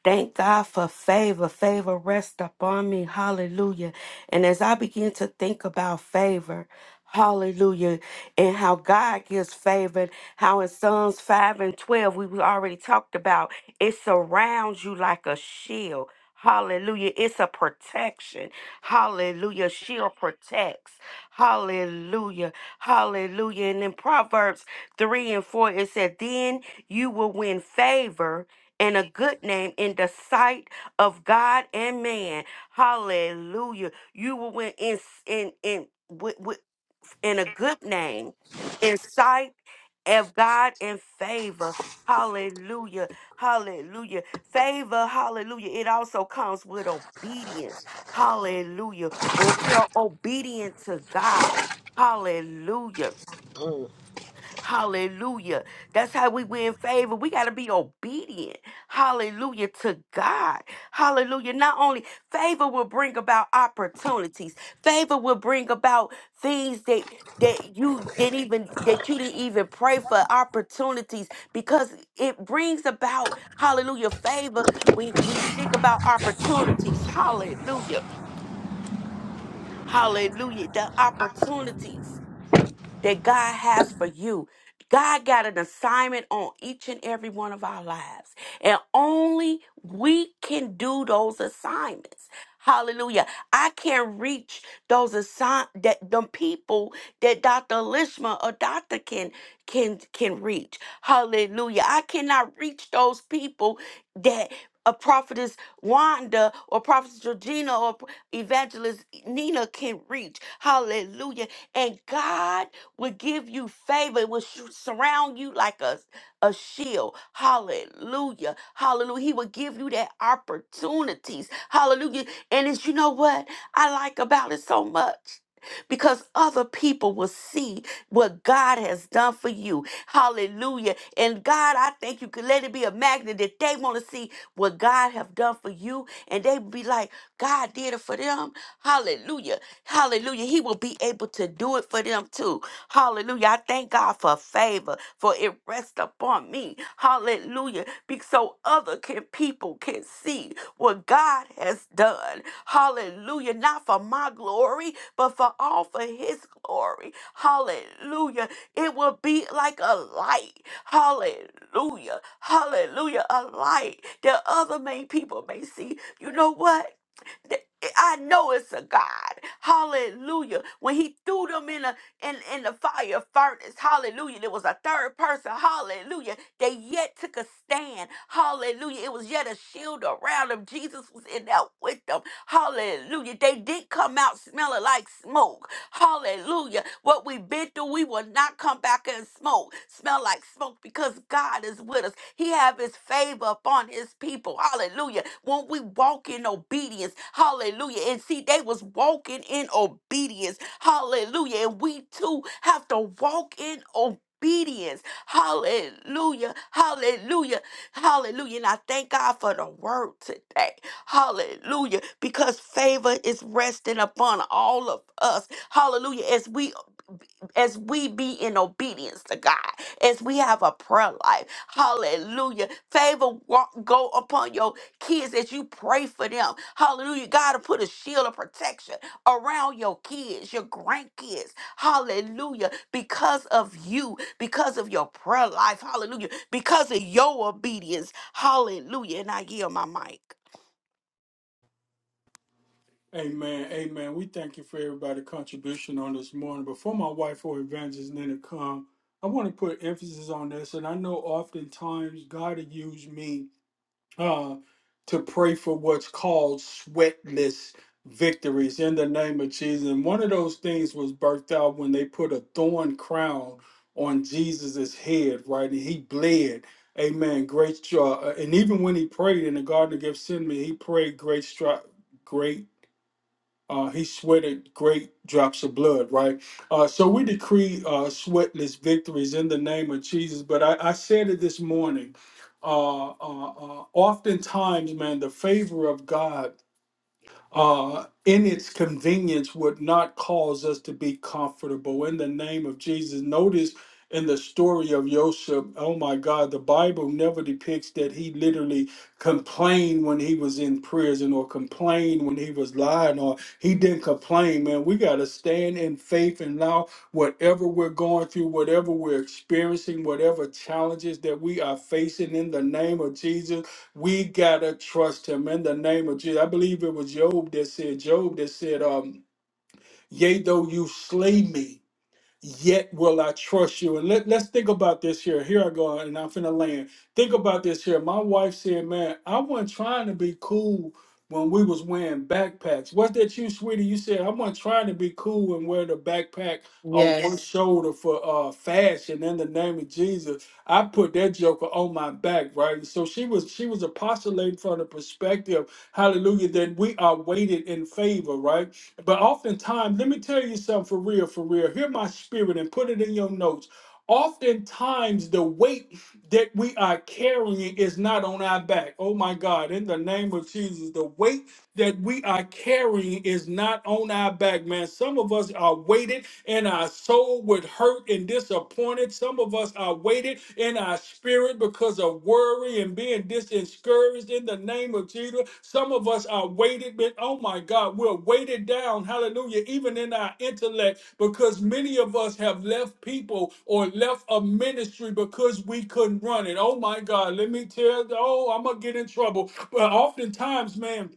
E: Thank God for favor. Favor rest upon me. Hallelujah. And as I begin to think about favor, hallelujah, and how God gives favor, how in Psalms 5 and 12, we we already talked about, it surrounds you like a shield. Hallelujah. It's a protection. Hallelujah. Shield protects. Hallelujah. Hallelujah. And in Proverbs 3 and 4, it said, Then you will win favor and a good name in the sight of God and man. Hallelujah. You will win in in in with, with, in a good name in sight of God and favor. Hallelujah. Hallelujah. Favor, hallelujah. It also comes with obedience. Hallelujah. When we are obedient to God. Hallelujah Hallelujah. That's how we win favor. We got to be obedient. Hallelujah to God. Hallelujah. Not only favor will bring about opportunities. Favor will bring about things that that you didn't even that you didn't even pray for opportunities because it brings about hallelujah favor when when you think about opportunities. Hallelujah. Hallelujah. The opportunities that God has for you. God got an assignment on each and every one of our lives, and only we can do those assignments. Hallelujah. I can't reach those assign that the people that Dr. Lishma or Dr. can can can reach. Hallelujah. I cannot reach those people that a prophetess Wanda or prophetess Georgina or evangelist Nina can reach. Hallelujah. And God will give you favor, it will sh- surround you like a, a shield. Hallelujah. Hallelujah. He will give you that opportunities. Hallelujah. And it's you know what I like about it so much. Because other people will see what God has done for you. Hallelujah. And God, I thank you. Could Let it be a magnet that they want to see what God have done for you. And they be like, God did it for them. Hallelujah. Hallelujah. He will be able to do it for them too. Hallelujah. I thank God for favor, for it rests upon me. Hallelujah. Be so other can people can see what God has done. Hallelujah. Not for my glory, but for all for his glory. Hallelujah. It will be like a light. Hallelujah. Hallelujah. A light that other may people may see. You know what? Th- I know it's a God. Hallelujah. When he threw them in a in, in the fire furnace, hallelujah. There was a third person, hallelujah. They yet took a stand. Hallelujah. It was yet a shield around them. Jesus was in there with them. Hallelujah. They did come out smelling like smoke. Hallelujah. What we've been through, we will not come back and smoke, smell like smoke because God is with us. He have his favor upon his people. Hallelujah. When we walk in obedience, hallelujah. And see, they was walking in obedience. Hallelujah. And we too have to walk in obedience. Obedience. Hallelujah. Hallelujah. Hallelujah. And I thank God for the word today. Hallelujah. Because favor is resting upon all of us. Hallelujah. As we as we be in obedience to God, as we have a prayer life. Hallelujah. Favor wa- go upon your kids as you pray for them. Hallelujah. God to put a shield of protection around your kids, your grandkids. Hallelujah. Because of you, because of your prayer life. Hallelujah. Because of your obedience. Hallelujah. And I yield my mic.
D: Amen. Amen. We thank you for everybody's contribution on this morning. Before my wife or evangelist Nina come, I want to put emphasis on this. And I know oftentimes God will use me uh, to pray for what's called sweatless victories in the name of Jesus. And one of those things was birthed out when they put a thorn crown on Jesus's head, right? And he bled. Amen. Great. str- Uh, and even when he prayed in the Garden of Gethsemane, he prayed great stri- great uh, he sweated great drops of blood, right? Uh, so we decree uh, sweatless victories in the name of Jesus. But I, I said it this morning. Uh, uh, uh, oftentimes, man, the favor of God uh, in its convenience would not cause us to be comfortable. In the name of Jesus, notice in the story of Joseph, oh my God, the Bible never depicts that he literally complained when he was in prison or complained when he was lying or he didn't complain, man. We got to stand in faith and allow whatever we're going through, whatever we're experiencing, whatever challenges that we are facing in the name of Jesus. We gotta trust him in the name of Jesus. I believe it was Job that said, Job that said, um, Yea, though you slay me yet will I trust you. And let, let's think about this here. Here I go, and I'm finna land. Think about this here. My wife said, man, I wasn't trying to be cool when we was wearing backpacks. Was that you, sweetie? You said, I wasn't trying to be cool and wear the backpack on one Yeah.
A: yes.
D: shoulder for uh fashion in the name of Jesus. I put that joker on my back, right? And so she was she was apostolating from the perspective, hallelujah, that we are weighted in favor, right? But oftentimes, let me tell you something for real, for real. Hear my spirit and put it in your notes. Oftentimes, the weight that we are carrying is not on our back. Oh my God, in the name of Jesus, the weight that we are carrying is not on our back, man. Some of us are weighted and our soul with hurt and disappointed. Some of us are weighted in our spirit because of worry and being discouraged in the name of Jesus. Some of us are weighted, but oh my God, we're weighted down, hallelujah, even in our intellect because many of us have left people or left a ministry because we couldn't run it. Oh my God, let me tell you, oh, I'm going to get in trouble. But oftentimes, man,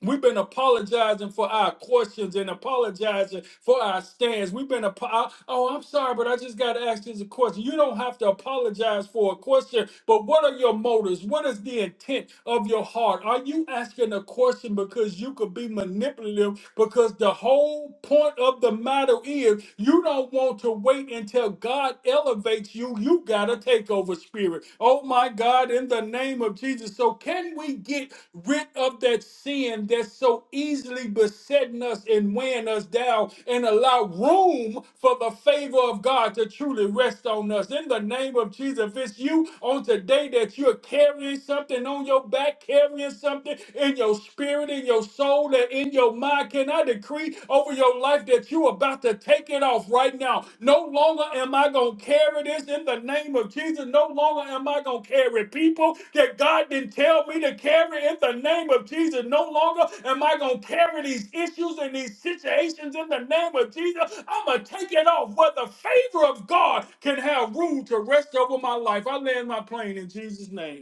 D: We've been apologizing for our questions and apologizing for our stands. We've been, apo- I- oh, I'm sorry, but I just got to ask this a question. You don't have to apologize for a question, but what are your motives? What is the intent of your heart? Are you asking a question because you could be manipulative? Because the whole point of the matter is you don't want to wait until God elevates you. You got to a takeover spirit. Oh my God, in the name of Jesus. So, can we get rid of that sin that's so easily besetting us and weighing us down and allow room for the favor of God to truly rest on us? In the name of Jesus, if it's you on today that you're carrying something on your back, carrying something in your spirit, in your soul, and in your mind, can I decree? decree over your life that you're about to take it off right now. No longer am I going to carry this in the name of Jesus. No longer am I going to carry people that God didn't tell me to carry in the name of Jesus. No longer am I going to carry these issues and these situations in the name of Jesus. I'm going to take it off where the favor of God can have room to rest over my life. I land my plane in Jesus' name.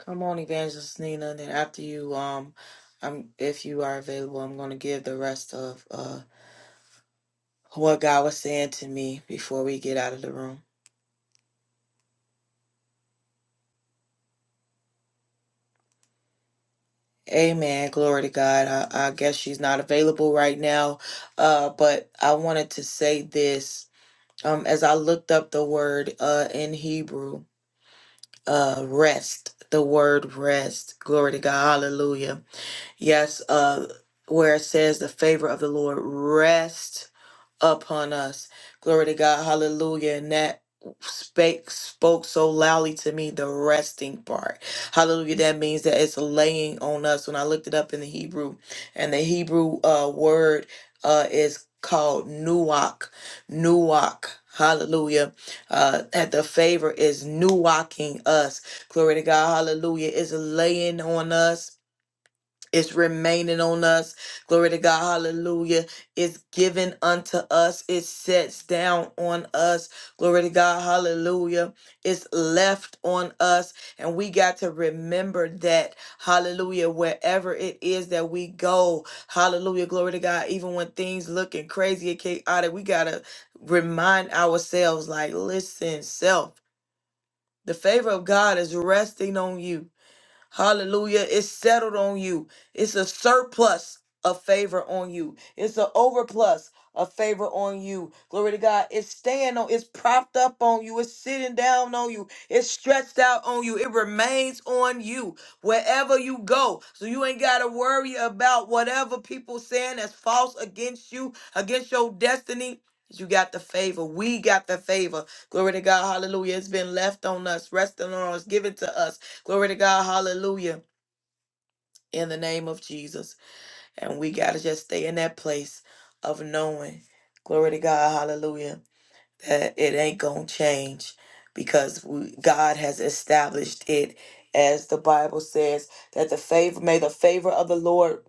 A: Come on, Evangelist Nina. Then after you, um, I'm if you are available, I'm going to give the rest of uh what God was saying to me before we get out of the room. Amen. Glory to God. I, I guess she's not available right now, uh, but I wanted to say this. Um, as I looked up the word uh, in Hebrew, uh, rest, the word rest. Glory to God. Hallelujah. Yes, uh, where it says the favor of the Lord rest upon us. Glory to God. Hallelujah. And that spake spoke so loudly to me the resting part hallelujah that means that it's laying on us when i looked it up in the hebrew and the hebrew uh word uh is called nuach nuach hallelujah uh at the favor is nuaching us glory to god hallelujah it's laying on us it's remaining on us. Glory to God. Hallelujah. It's given unto us. It sets down on us. Glory to God. Hallelujah. It's left on us. And we got to remember that. Hallelujah. Wherever it is that we go. Hallelujah. Glory to God. Even when things looking crazy and chaotic, we got to remind ourselves like, listen, self, the favor of God is resting on you. Hallelujah. It's settled on you. It's a surplus of favor on you. It's an overplus of favor on you. Glory to God. It's staying on, it's propped up on you. It's sitting down on you. It's stretched out on you. It remains on you wherever you go. So you ain't gotta worry about whatever people saying that's false against you, against your destiny. You got the favor. We got the favor. Glory to God. Hallelujah. It's been left on us, resting on us, given to us. Glory to God. Hallelujah. In the name of Jesus. And we got to just stay in that place of knowing. Glory to God. Hallelujah. That it ain't going to change because we, God has established it as the Bible says that the favor may the favor of the Lord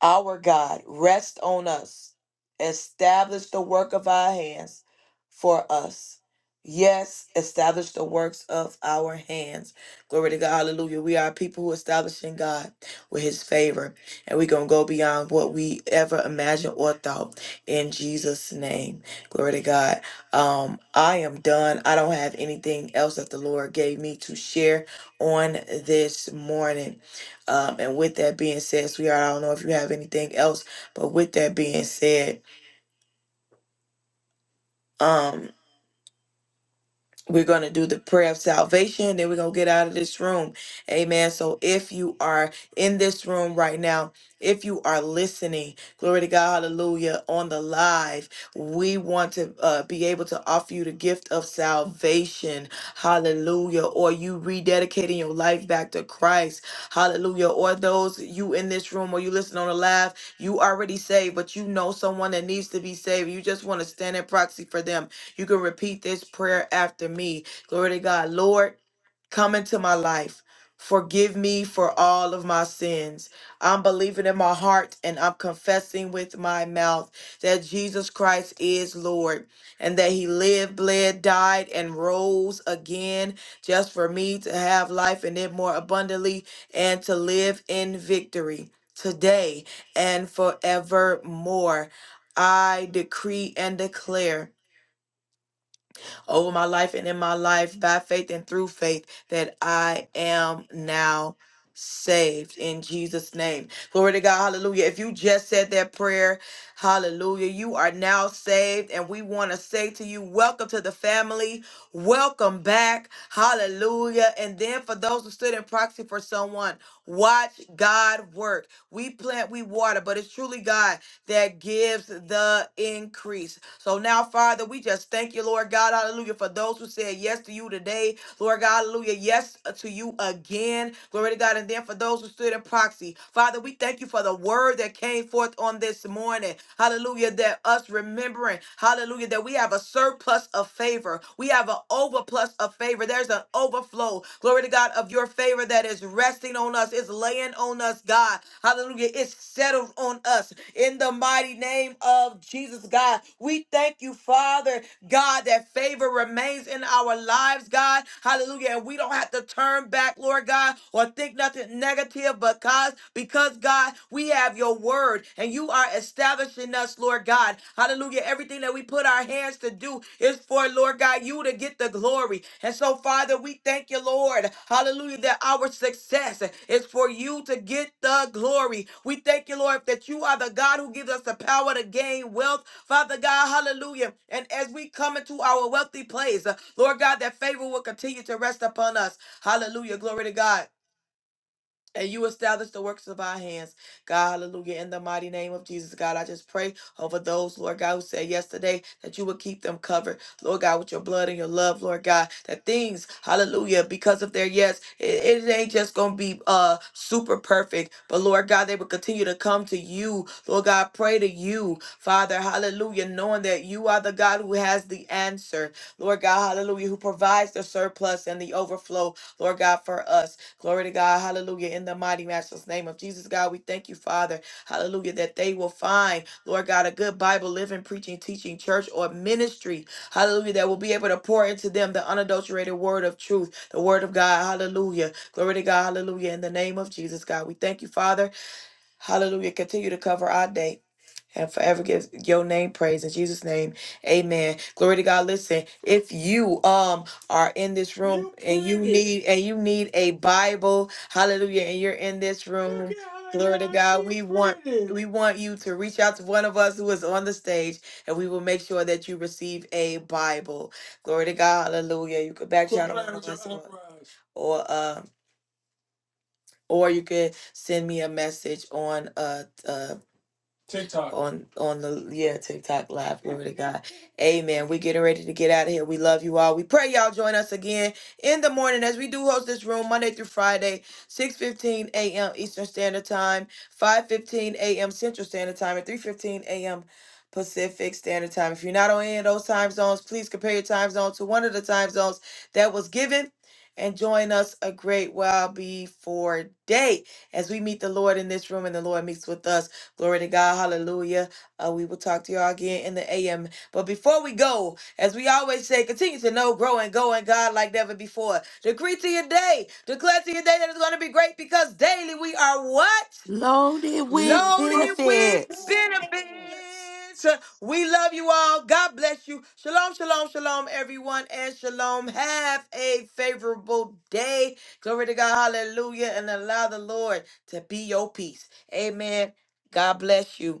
A: our God, rest on us. Establish the work of our hands for us. Yes, establish the works of our hands. Glory to God. Hallelujah. We are people who establish in God with his favor. And we're going to go beyond what we ever imagined or thought in Jesus' name. Glory to God. Um, I am done. I don't have anything else that the Lord gave me to share on this morning. Um, and with that being said, sweetheart, I don't know if you have anything else, but with that being said, um, We're going to do the prayer of salvation, then we're going to get out of this room. Amen. So if you are in this room right now, if you are listening, glory to God, hallelujah, on the live, we want to uh, be able to offer you the gift of salvation, hallelujah, or you rededicating your life back to Christ, hallelujah, or those you in this room or you listen on the live, you already saved, but you know someone that needs to be saved. You just want to stand in proxy for them you can repeat this prayer after me. Glory to God. Lord, come into my life. Forgive me for all of my sins. I'm believing in my heart and I'm confessing with my mouth that Jesus Christ is Lord and that he lived, bled, died, and rose again just for me to have life and it more abundantly and to live in victory today and forevermore. I decree and declare over my life and in my life by faith and through faith that I am now saved in Jesus' name. Glory to God. Hallelujah. If you just said that prayer, hallelujah, you are now saved. And we want to say to you, welcome to the family. Welcome back. Hallelujah. And then for those who stood in proxy for someone, Watch God work. We plant, we water, but it's truly God that gives the increase. So now, Father, we just thank you, Lord God, hallelujah, for those who said yes to you today, Lord God, hallelujah, yes to you again, glory to God, and then for those who stood in proxy, Father, we thank you for the word that came forth on this morning, hallelujah, that us remembering, hallelujah, that we have a surplus of favor, we have have an overplus of favor. There's an overflow, glory to God, of your favor that is resting on us, is laying on us, God. Hallelujah. It's settled on us in the mighty name of Jesus, God. We thank you, Father, God, that favor remains in our lives, God. Hallelujah. And we don't have to turn back, Lord God, or think nothing negative, but God, because God, we have your word and you are establishing us, Lord God. Hallelujah. Everything that we put our hands to do is for, Lord God, you to get the glory. And so, Father, we thank you, Lord. Hallelujah. That our success is for you to get the glory. We thank you, Lord, that you are the God who gives us the power to gain wealth. Father God, hallelujah. And as we come into our wealthy place, Lord God, that favor will continue to rest upon us. Hallelujah. Glory to God. And you establish the works of our hands. God, hallelujah. In the mighty name of Jesus, God, I just pray over those, Lord God, who said yesterday that you would keep them covered, Lord God, with your blood and your love, Lord God. That things, hallelujah, because of their yes, it, it ain't just going to be uh super perfect, but Lord God, they will continue to come to you, Lord God, pray to you, Father, hallelujah, knowing that you are the God who has the answer. Lord God, hallelujah, who provides the surplus and the overflow, Lord God, for us. Glory to God, hallelujah, in the mighty master's name of Jesus, God, we thank you, Father, hallelujah, that they will find, Lord God, a good Bible, living, preaching, teaching, church, or ministry, hallelujah, that will be able to pour into them the unadulterated word of truth, the word of God, hallelujah. Glory to God, hallelujah, in the name of Jesus, God, we thank you, Father, hallelujah, continue to cover our day and forever give your name praise in Jesus' name. Amen. Glory to God. Listen, if you um are in this room You and you believe it. need and you need a Bible, hallelujah, and you're in this room. Look at how Glory to y'all God. We get want ready. we want you to reach out to one of us who is on the stage, and we will make sure that you receive a Bible. Glory to God, hallelujah. You could back channel one of us, or, eyebrows. or, uh, or you could send me a message on uh, uh TikTok. on on the yeah TikTok live. Glory to God. Amen. We getting ready to get out of here. We love you all. We pray y'all join us again in the morning as we do host this room Monday through Friday, 6:15 a.m. Eastern Standard Time, 5:15 a.m. Central Standard Time, and 3:15 a.m. Pacific Standard Time. If you're not on any of those time zones, please compare your time zone to one of the time zones that was given. And join us a great while before day as we meet the Lord in this room and the Lord meets with us. Glory to God. Hallelujah. Uh, we will talk to y'all again in the AM. But before we go, as we always say, continue to know, grow, and go in God like never before. Decree to your day. Declare to your day that it's going to be great because daily we are what?
E: Loaded with
A: loaded with
E: benefits.
A: benefits. We love you all. God bless you. Shalom, shalom, shalom, everyone, and shalom. Have a favorable day. Glory to God. Hallelujah. And allow the Lord to be your peace. Amen. God bless you.